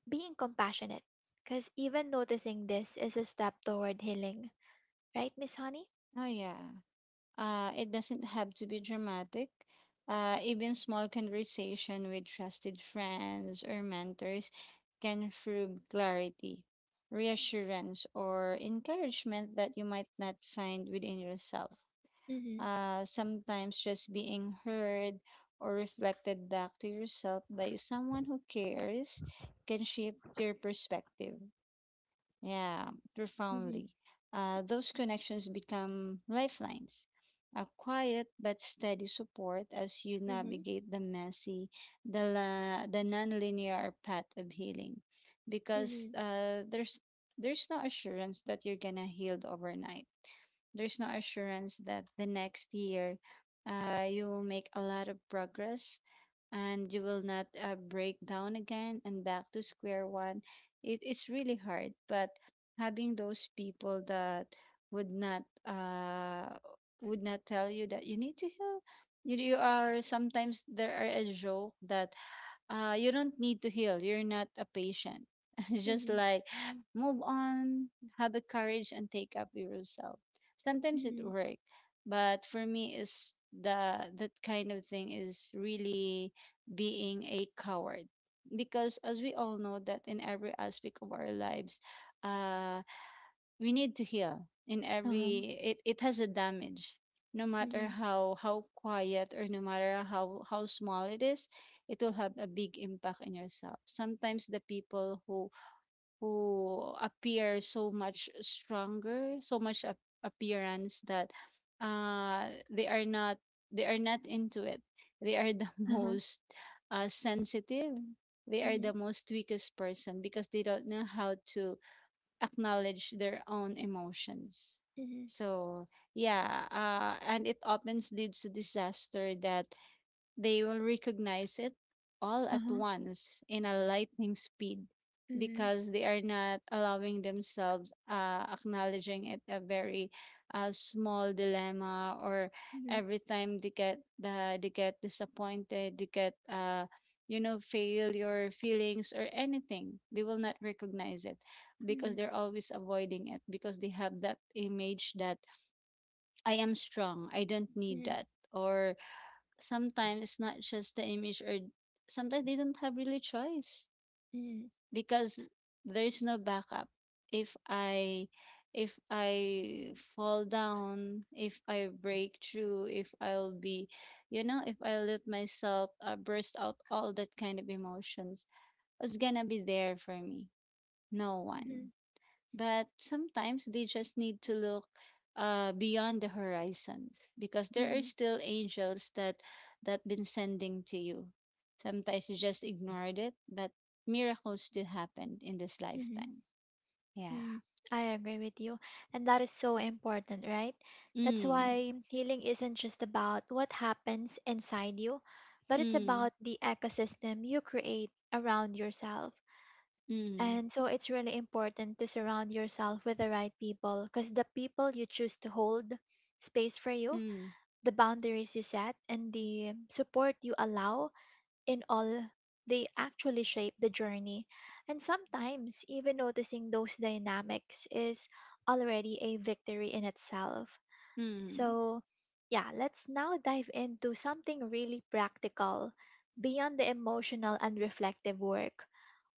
Speaker 1: being compassionate? Because even noticing this is a step toward healing, right, Miss Honey?
Speaker 2: Oh, yeah. It doesn't have to be dramatic. Even small conversation with trusted friends or mentors can prove clarity, reassurance, or encouragement that you might not find within yourself.
Speaker 1: Mm-hmm.
Speaker 2: Sometimes just being heard or reflected back to yourself by someone who cares can shift your perspective. Yeah,
Speaker 1: Mm-hmm.
Speaker 2: profoundly. Those connections become lifelines, a quiet but steady support as you
Speaker 1: Mm-hmm.
Speaker 2: navigate the messy, the nonlinear path of healing, because
Speaker 1: Mm-hmm.
Speaker 2: there's no assurance that you're gonna heal overnight. There's no assurance that the next year you will make a lot of progress and you will not break down again and back to square one. It is really hard, but having those people that would not uh would not tell you that you need to heal. You are sometimes, there are a joke that you don't need to heal. You're not a patient. Just
Speaker 1: Mm-hmm.
Speaker 2: like move on, have the courage, and take up yourself. Sometimes it
Speaker 1: Mm-hmm.
Speaker 2: works, but for me, is the that kind of thing is really being a coward, because as we all know that in every aspect of our lives, uh we need to heal in
Speaker 1: Uh-huh.
Speaker 2: every it has a damage, no matter
Speaker 1: Mm-hmm.
Speaker 2: how quiet or no matter how small it is. It will have a big impact in yourself. Sometimes the people who appear so much stronger, so much appearance that uh they are not they are not into it, they are the
Speaker 1: Uh-huh.
Speaker 2: most sensitive, they are
Speaker 1: Mm-hmm.
Speaker 2: the most weakest person because they don't know how to acknowledge their own emotions.
Speaker 1: Mm-hmm.
Speaker 2: So yeah, and it often leads to disaster that they will recognize it all at
Speaker 1: Uh-huh.
Speaker 2: once in a lightning speed
Speaker 1: Mm-hmm.
Speaker 2: because they are not allowing themselves, acknowledging it a very small dilemma or
Speaker 1: Mm-hmm.
Speaker 2: every time they get disappointed, they get, you know, failure feelings or anything, they will not recognize it
Speaker 1: Mm-hmm.
Speaker 2: because they're always avoiding it, because they have that image that I am strong. I don't need that. Or sometimes it's not just the image, or sometimes they don't have really choice,
Speaker 1: Mm-hmm.
Speaker 2: because there's no backup. If I, fall down, if I break through, if I'll be, you know, if I let myself burst out all that kind of emotions, who's gonna be there for me? No one.
Speaker 1: Mm-hmm.
Speaker 2: But sometimes they just need to look beyond the horizons, because there are
Speaker 1: hmm
Speaker 2: still angels that that been sending to you. Sometimes you just ignored it, but miracles still happened in this
Speaker 1: hmm
Speaker 2: lifetime. Yeah.
Speaker 1: mm I agree with you. And that is so important, right? That's
Speaker 2: Mm,
Speaker 1: why healing isn't just about what happens inside you, but it's
Speaker 2: mm,
Speaker 1: about the ecosystem you create around yourself.
Speaker 2: mm,
Speaker 1: And so it's really important to surround yourself with the right people, because the people you choose to hold space for you,
Speaker 2: mm,
Speaker 1: the boundaries you set, and the support you allow in all, they actually shape the journey. And sometimes, even noticing those dynamics is already a victory in itself.
Speaker 2: mm,
Speaker 1: So, yeah, let's now dive into something really practical beyond the emotional and reflective work.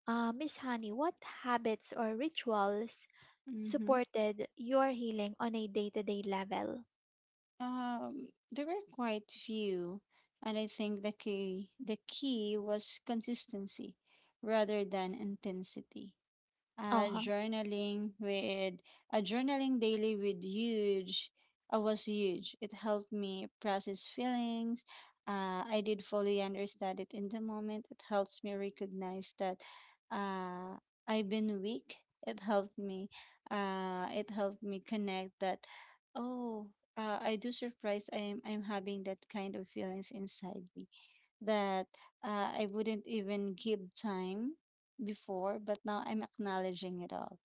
Speaker 1: Miss Honey, what habits or rituals
Speaker 2: mm-hmm.
Speaker 1: supported your healing on a day to day level?
Speaker 2: There were quite few, and I think the key was consistency rather than intensity.
Speaker 1: Uh
Speaker 2: uh,
Speaker 1: huh.
Speaker 2: journaling with Journaling daily with huge was huge. It helped me process feelings I did fully understand it in the moment. It helps me recognize that uh, I've been weak. It helped me it helped me connect that, oh, I do surprised, I'm having that kind of feelings inside me that I wouldn't even give time before, but now I'm acknowledging it all.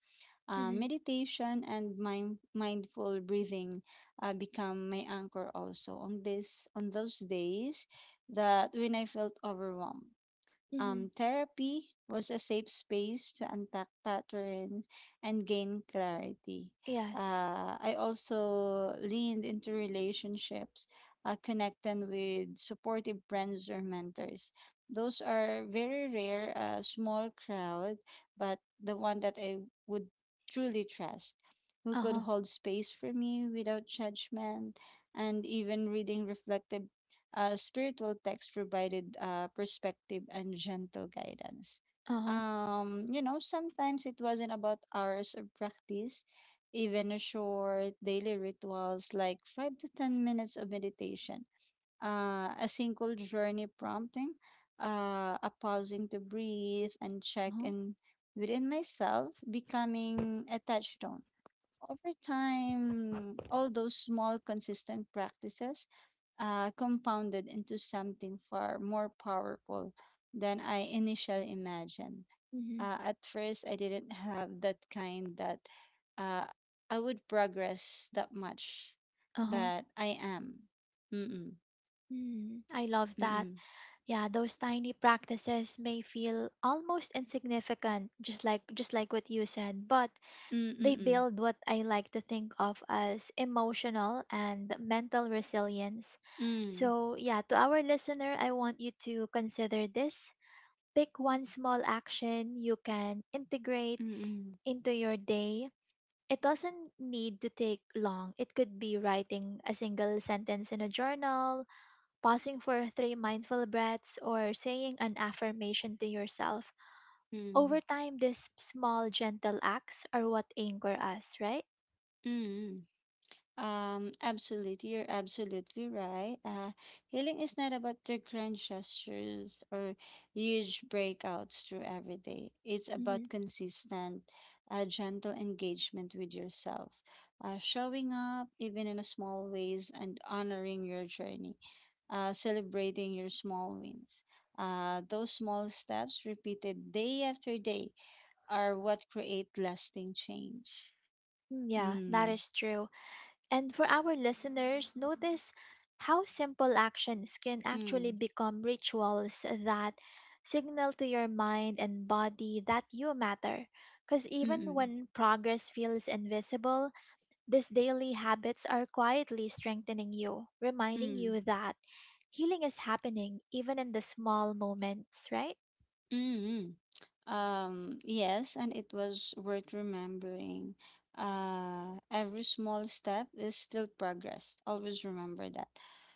Speaker 1: Mm-hmm.
Speaker 2: Meditation and mindful breathing become my anchor also on this, on those days that when I felt overwhelmed.
Speaker 1: Mm-hmm.
Speaker 2: Therapy was a safe space to unpack patterns and gain clarity.
Speaker 1: Yes.
Speaker 2: I also leaned into relationships, connecting with supportive friends or mentors. Those are very rare, a small crowd, but the one that I would truly trust, who
Speaker 1: Uh
Speaker 2: could
Speaker 1: huh.
Speaker 2: hold space for me without judgment, and even reading reflective spiritual texts provided perspective and gentle guidance.
Speaker 1: Uh huh.
Speaker 2: You know, sometimes it wasn't about hours of practice, even a short daily rituals like 5 to 10 minutes of meditation, a single journey prompting, a pausing to breathe and
Speaker 1: Uh
Speaker 2: check
Speaker 1: huh.
Speaker 2: in within myself, becoming a touchstone. Over time, all those small, consistent practices compounded into something far more powerful than I initially imagined.
Speaker 1: Mm-hmm.
Speaker 2: At first, I didn't have that kind that uh, I would progress that much,
Speaker 1: Uh huh.
Speaker 2: but I am. Mm-mm,
Speaker 1: Mm, I love that.
Speaker 2: mm-mm,
Speaker 1: Yeah, those tiny practices may feel almost insignificant, just like what you said, but they
Speaker 2: mm-mm,
Speaker 1: build what I like to think of as emotional and mental resilience.
Speaker 2: mm-mm,
Speaker 1: So, yeah, to our listener, I want you to consider this. Pick one small action you can integrate
Speaker 2: mm-mm,
Speaker 1: into your day. It doesn't need to take long. It could be writing a single sentence in a journal, pausing for three mindful breaths, or saying an affirmation to yourself.
Speaker 2: mm-mm,
Speaker 1: Over time, these small, gentle acts are what anchor us, right?
Speaker 2: mm-mm. Absolutely, you're absolutely right. Healing is not about the grand gestures or huge breakouts through every day. It's
Speaker 1: hmm
Speaker 2: about consistent, gentle engagement with yourself, showing up even in a small ways and honoring your journey, celebrating your small wins. Those small steps repeated day after day are what create lasting change.
Speaker 1: yeah, that
Speaker 2: Mm,
Speaker 1: is true. And for our listeners, notice how simple actions can actually
Speaker 2: mm,
Speaker 1: become rituals that signal to your mind and body that you matter. Because
Speaker 2: mm,
Speaker 1: even
Speaker 2: mm.
Speaker 1: when progress feels invisible, these daily habits are quietly strengthening you, reminding
Speaker 2: Mm.
Speaker 1: you that healing is happening even in the small moments, right?
Speaker 2: Mm-hmm. Yes, and it was worth remembering. Every small step is still progress. Always remember that.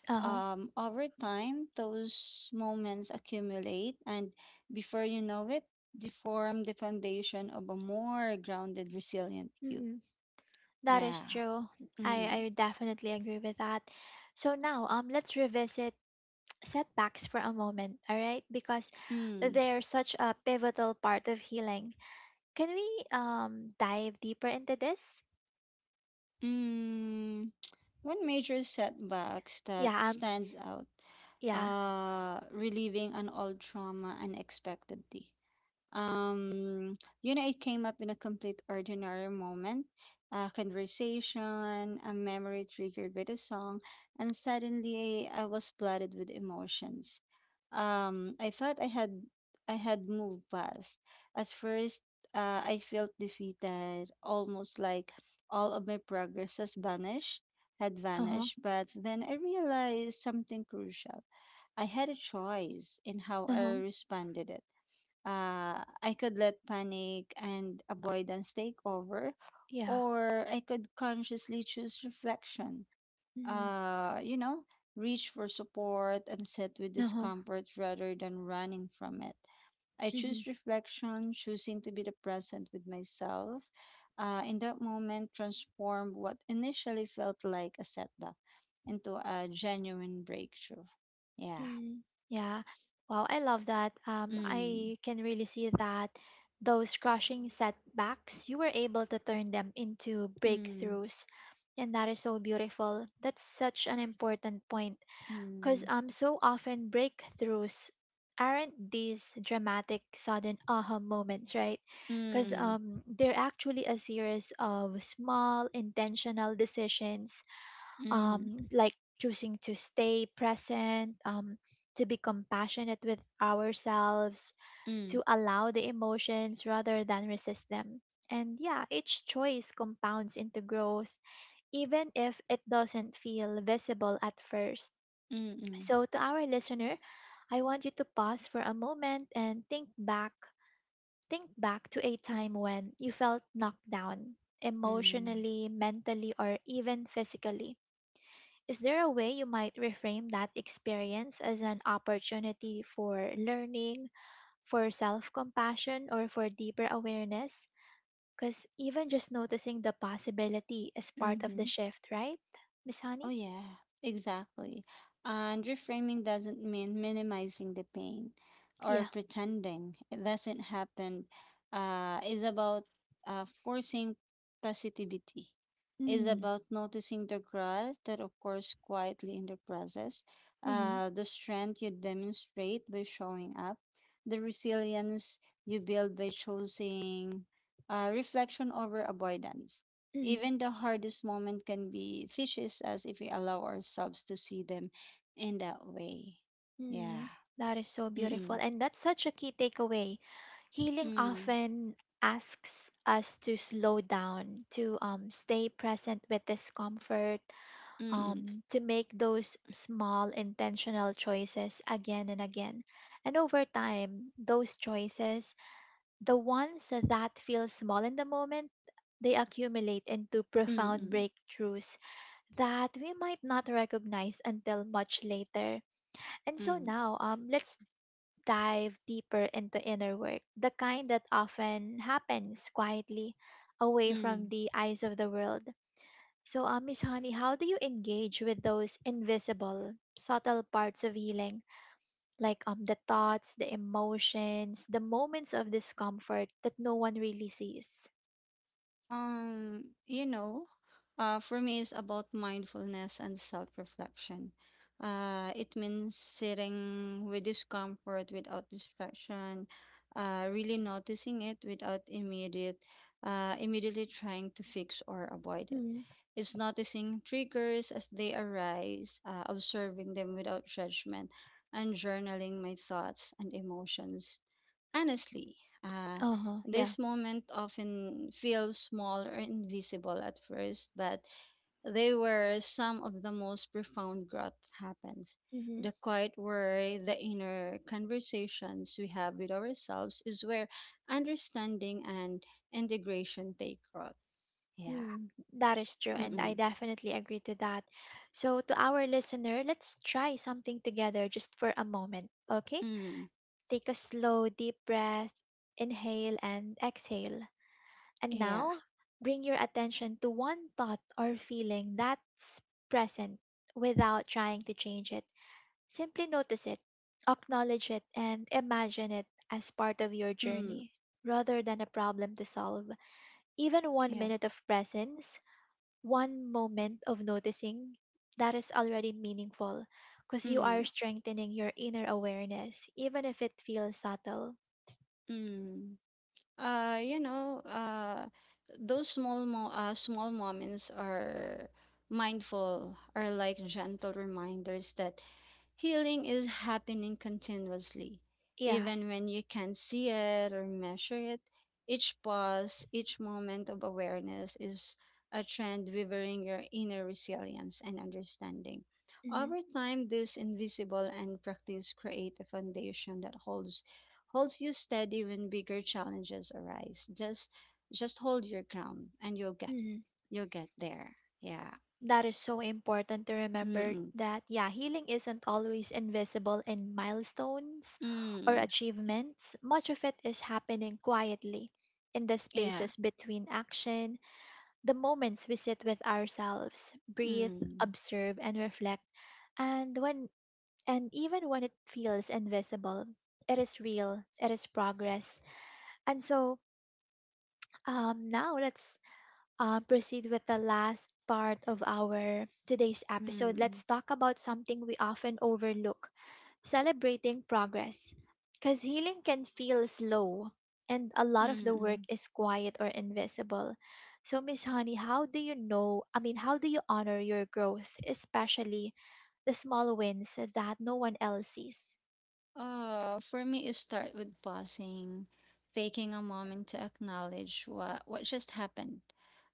Speaker 1: Uh huh.
Speaker 2: Over time, those moments accumulate, and before you know it, they form the foundation of a more grounded, resilient you.
Speaker 1: Mm-hmm. That is
Speaker 2: Yeah.
Speaker 1: true. I,
Speaker 2: Mm-hmm.
Speaker 1: I definitely agree with that. So now, let's revisit setbacks for a moment, all right? Because
Speaker 2: Mm-hmm.
Speaker 1: they're such a pivotal part of healing. Can we dive deeper into this?
Speaker 2: Mm. One major setbacks that
Speaker 1: Yeah.
Speaker 2: stands out,
Speaker 1: Yeah.
Speaker 2: relieving an old trauma unexpectedly. Um, you know, it came up in a complete ordinary moment, a conversation, a memory triggered by the song, and suddenly I was flooded with emotions. I thought I had moved past. At first, I felt defeated, almost like all of my progress had
Speaker 1: Uh huh.
Speaker 2: vanished. But then I realized something crucial. I had a choice in how
Speaker 1: Uh
Speaker 2: I
Speaker 1: huh.
Speaker 2: responded it. I could let panic and avoidance take over,
Speaker 1: Yeah.
Speaker 2: or I could consciously choose reflection.
Speaker 1: Mm-hmm.
Speaker 2: You know, reach for support and sit with
Speaker 1: Uh
Speaker 2: discomfort rather than running from it. I
Speaker 1: huh.
Speaker 2: choose reflection, choosing to be the present with myself. In that moment, transform what initially felt like a setback into a genuine breakthrough. Yeah.
Speaker 1: Mm, yeah. Wow, I love that.
Speaker 2: Mm,
Speaker 1: I can really see that those crushing setbacks, you were able to turn them into
Speaker 2: mm,
Speaker 1: breakthroughs. And that is so beautiful. That's such an important point. Because
Speaker 2: mm,
Speaker 1: so often breakthroughs aren't these dramatic, sudden aha moments, right?
Speaker 2: mm,
Speaker 1: Because
Speaker 2: mm.
Speaker 1: they're actually a series of small, intentional decisions,
Speaker 2: Mm.
Speaker 1: like choosing to stay present, to be compassionate with ourselves,
Speaker 2: Mm,
Speaker 1: to allow the emotions rather than resist them. And yeah, each choice compounds into growth, even if it doesn't feel visible at first.
Speaker 2: mm, mm,
Speaker 1: So, to our listener, I want you to pause for a moment and think back. Think back to a time when you felt knocked down,
Speaker 2: mm,
Speaker 1: emotionally, mentally, or even physically. Is there a way you might reframe that experience as an opportunity for learning, for self compassion, or for deeper awareness? Because even just noticing the possibility is part of
Speaker 2: mm-hmm.
Speaker 1: the shift, right, Miss
Speaker 2: Oh,
Speaker 1: Honey?
Speaker 2: yeah, exactly. And reframing doesn't mean minimizing the pain or
Speaker 1: Yeah.
Speaker 2: pretending it doesn't happen. Is about forcing positivity. Is
Speaker 1: Mm.
Speaker 2: about noticing the growth that occurs quietly in the process,
Speaker 1: Mm.
Speaker 2: the strength you demonstrate by showing up, the resilience you build by choosing reflection over avoidance.
Speaker 1: Mm.
Speaker 2: Even the hardest moment can be teaches us if we allow ourselves to see them in that way. Yeah.
Speaker 1: Mm. That is so beautiful.
Speaker 2: Mm-mm.
Speaker 1: And that's such a key takeaway. Healing
Speaker 2: Mm.
Speaker 1: often asks us to slow down, to stay present with discomfort,
Speaker 2: Mm-mm.
Speaker 1: to make those small intentional choices again and again. And over time, those choices, the ones that feel small in the moment, they accumulate into profound
Speaker 2: Mm-mm.
Speaker 1: breakthroughs that we might not recognize until much later. And so
Speaker 2: Mm.
Speaker 1: now, let's dive deeper into inner work, the kind that often happens quietly away from
Speaker 2: Mm.
Speaker 1: the eyes of the world. So, Miss Honey, how do you engage with those invisible, subtle parts of healing, like the thoughts, the emotions, the moments of discomfort that no one really sees?
Speaker 2: You know, for me, it's about mindfulness and self-reflection. It means sitting with discomfort without distraction, really noticing it without immediately trying to fix or avoid it.
Speaker 1: Mm.
Speaker 2: It's noticing triggers as they arise, observing them without judgment, and journaling my thoughts and emotions honestly. uh,
Speaker 1: Uh huh. Yeah.
Speaker 2: this moment often feels small or invisible at first, but they were some of the most profound growth happens.
Speaker 1: Mm-hmm.
Speaker 2: The quiet where the inner conversations we have with ourselves is where understanding and integration take root. Yeah.
Speaker 1: Mm, that is true, and I
Speaker 2: Mm-mm.
Speaker 1: definitely agree to that. So, to our listener, let's try something together just for a moment, okay?
Speaker 2: Mm.
Speaker 1: Take a slow, deep breath, inhale and exhale. And
Speaker 2: Yeah.
Speaker 1: now, bring your attention to one thought or feeling that's present without trying to change it. Simply notice it, acknowledge it, and imagine it as part of your
Speaker 2: Mm.
Speaker 1: journey rather than a problem to solve. Even one
Speaker 2: Yeah.
Speaker 1: minute of presence, one moment of noticing, that is already meaningful because you are
Speaker 2: Mm.
Speaker 1: strengthening your inner awareness, even if it feels subtle.
Speaker 2: Mm. You know, those small mo small moments are mindful, are like gentle reminders that healing is happening continuously. Even
Speaker 1: Yes.
Speaker 2: when you can't see it or measure it, each pause, each moment of awareness is a trend weaving your inner resilience and understanding. Over time, this invisible and practice create a foundation that holds you steady when bigger challenges arise. Just hold your ground and
Speaker 1: Mhm.
Speaker 2: you'll get there. Yeah.
Speaker 1: That is so important to remember,
Speaker 2: Mm.
Speaker 1: that, yeah, healing isn't always invisible in milestones or
Speaker 2: Mm.
Speaker 1: achievements. Much of it is happening quietly in the
Speaker 2: Yeah.
Speaker 1: spaces between action, the moments we sit with ourselves, breathe,
Speaker 2: Mm.
Speaker 1: observe, and reflect. And when and even when it feels invisible, it is real, it is progress. And so now let's proceed with the last part of our today's episode.
Speaker 2: Mm.
Speaker 1: Let's talk about something we often overlook: celebrating progress. Because healing can feel slow, and a lot of the work
Speaker 2: Mm.
Speaker 1: is quiet or invisible. So, Miss Honey, how do you know? I mean, how do you honor your growth, especially the small wins that no one else sees?
Speaker 2: Oh, for me, it start with pausing, taking a moment to acknowledge what just happened.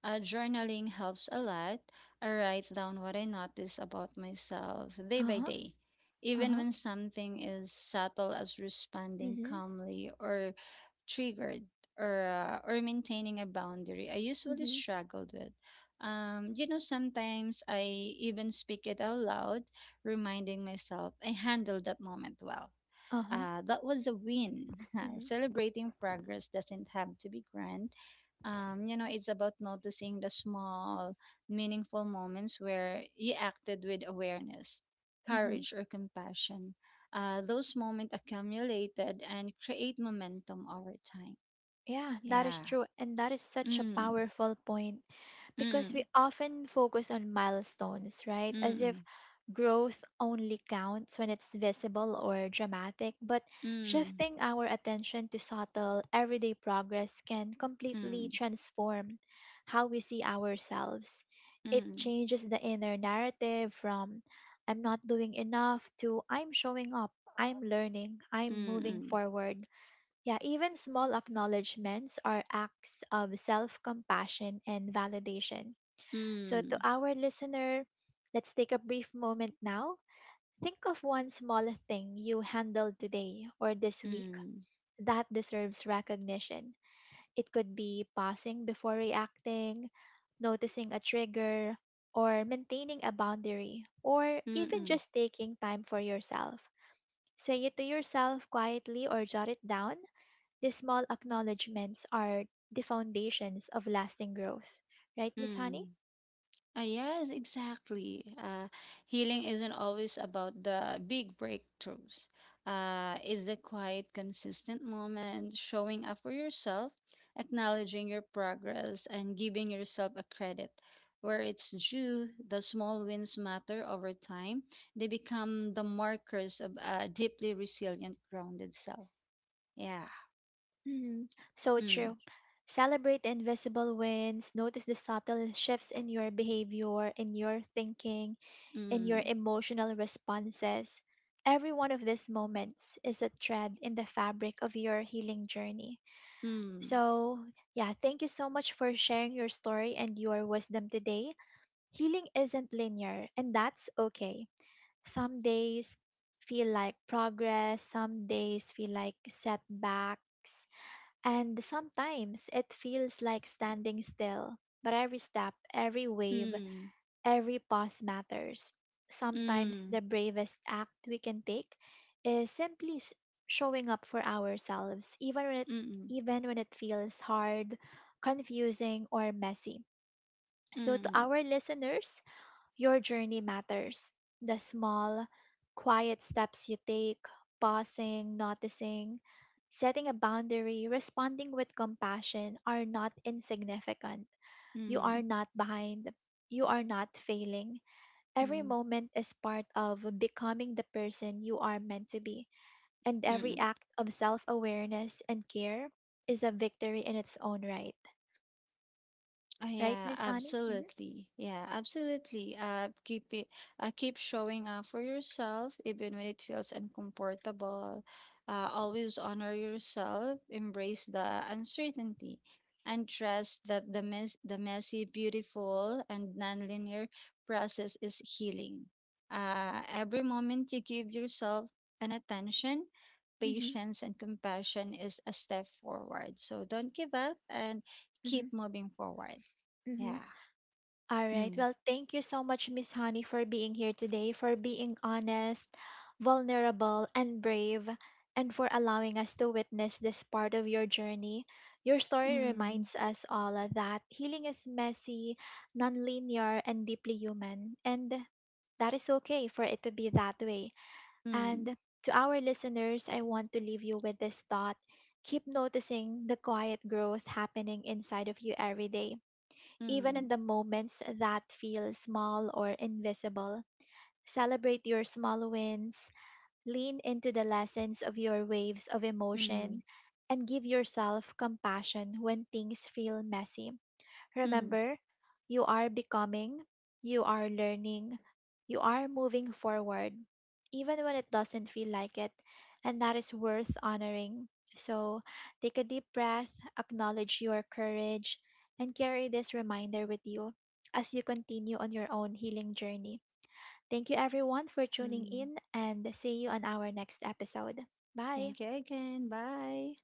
Speaker 2: Journaling helps a lot. I write down what I notice about myself day
Speaker 1: Uh
Speaker 2: by
Speaker 1: huh.
Speaker 2: day,
Speaker 1: Uh
Speaker 2: even
Speaker 1: huh.
Speaker 2: when something is subtle as responding
Speaker 1: Mhm.
Speaker 2: calmly or triggered, or maintaining a boundary I usually
Speaker 1: Mhm.
Speaker 2: struggled with. You know, sometimes I even speak it out loud, reminding myself I handled that moment well.
Speaker 1: Uh huh.
Speaker 2: That was a win.
Speaker 1: Mhm.
Speaker 2: Celebrating progress doesn't have to be grand. You know, it's about noticing the small, meaningful moments where you acted with awareness,
Speaker 1: Mhm.
Speaker 2: courage, or compassion. Those moments accumulated and create momentum over time.
Speaker 1: Yeah, that is
Speaker 2: Yeah.
Speaker 1: true, and that is such a
Speaker 2: Mm,
Speaker 1: powerful point, because we
Speaker 2: mm,
Speaker 1: often focus on milestones, right? As if
Speaker 2: mm,
Speaker 1: growth only counts when it's visible or dramatic. But
Speaker 2: mm,
Speaker 1: shifting our attention to subtle, everyday progress can completely
Speaker 2: mm,
Speaker 1: transform how we see ourselves. It
Speaker 2: mm,
Speaker 1: changes the inner narrative from "I'm not doing enough" to "I'm showing up, I'm learning, I'm
Speaker 2: mm,
Speaker 1: moving
Speaker 2: mm,
Speaker 1: forward." Yeah, even small acknowledgments are acts of self compassion and validation. So, to
Speaker 2: mm,
Speaker 1: our listener, let's take a brief moment now. Think of one small thing you handled today or this
Speaker 2: mm,
Speaker 1: week
Speaker 2: mm,
Speaker 1: that deserves recognition. It could be pausing before reacting, noticing a trigger, or maintaining a boundary, or even
Speaker 2: mm,
Speaker 1: just taking time for yourself. Say it to yourself quietly or jot it down. These small acknowledgments are the foundations of lasting growth. Right, Miss
Speaker 2: mm.
Speaker 1: Honey?
Speaker 2: Ah, yes, exactly. Healing isn't always about the big breakthroughs. It's the quiet, consistent moment, showing up for yourself, acknowledging your progress, and giving yourself a credit where it's due. The small wins matter over time. They become the markers of a deeply resilient, grounded self. Yeah.
Speaker 1: Hmm. So
Speaker 2: Mm,
Speaker 1: true. Celebrate the invisible wins, notice the subtle shifts in your behavior, in your thinking, in your
Speaker 2: mm,
Speaker 1: emotional responses. Every one of these moments is a thread in the fabric of your healing journey.
Speaker 2: mm,
Speaker 1: So, yeah, thank you so much for sharing your story and your wisdom today. Healing isn't linear, and that's okay. Some days feel like progress, some days feel like setbacks, and sometimes it feels like standing still, but every step, every wave,
Speaker 2: mm,
Speaker 1: every pause matters. Sometimes
Speaker 2: mm,
Speaker 1: the bravest act we can take is simply showing up for ourselves, even when it,
Speaker 2: mm, mm,
Speaker 1: even when it feels hard, confusing, or messy. So,
Speaker 2: mm,
Speaker 1: to
Speaker 2: mm.
Speaker 1: our listeners, your journey matters. The small, quiet steps you take, pausing, noticing, setting a boundary, responding with compassion, are not insignificant. You are
Speaker 2: Mm.
Speaker 1: not behind. You are not failing. Every
Speaker 2: Mm.
Speaker 1: moment is part of becoming the person you are meant to be. And every
Speaker 2: Mm.
Speaker 1: act of self awareness and care is a victory in its own right. Right,
Speaker 2: Yeah,
Speaker 1: Miss Honey? Mm-hmm.
Speaker 2: absolutely. Yeah, absolutely. Keep showing up for yourself, even when it feels uncomfortable. Always honor yourself, embrace the uncertainty, and trust that the messy, beautiful, and nonlinear process is healing. Every moment you give yourself an attention,
Speaker 1: Mm-hmm.
Speaker 2: patience, and compassion is a step forward. So don't give up and
Speaker 1: Mm-hmm.
Speaker 2: keep moving forward.
Speaker 1: Mm-hmm.
Speaker 2: Yeah.
Speaker 1: All right.
Speaker 2: Mm,
Speaker 1: Well, thank you so much, Miss Honey, for being here today, for being honest, vulnerable, and brave, and for allowing us to witness this part of your journey. Your story
Speaker 2: mm,
Speaker 1: reminds us all that healing is messy, nonlinear, and deeply human. And that is okay for it to be that way. And
Speaker 2: mm,
Speaker 1: to our listeners, I want to leave you with this thought. Keep noticing the quiet growth happening inside of you every day,
Speaker 2: mm,
Speaker 1: even in
Speaker 2: mm,
Speaker 1: the moments that feel small or invisible. Celebrate your small wins, lean into the lessons of your waves of emotion,
Speaker 2: mm,
Speaker 1: and give yourself compassion when things feel messy.
Speaker 2: mm.
Speaker 1: Remember, you are becoming, you are learning, you are moving forward, even when it doesn't feel like it, and that is worth honoring. So take a deep breath, acknowledge your courage, and carry this reminder with you as you continue on your own healing journey. Thank you everyone for tuning
Speaker 2: Mm.
Speaker 1: in, and see you on our next episode. Bye.
Speaker 2: Thank you again. Bye.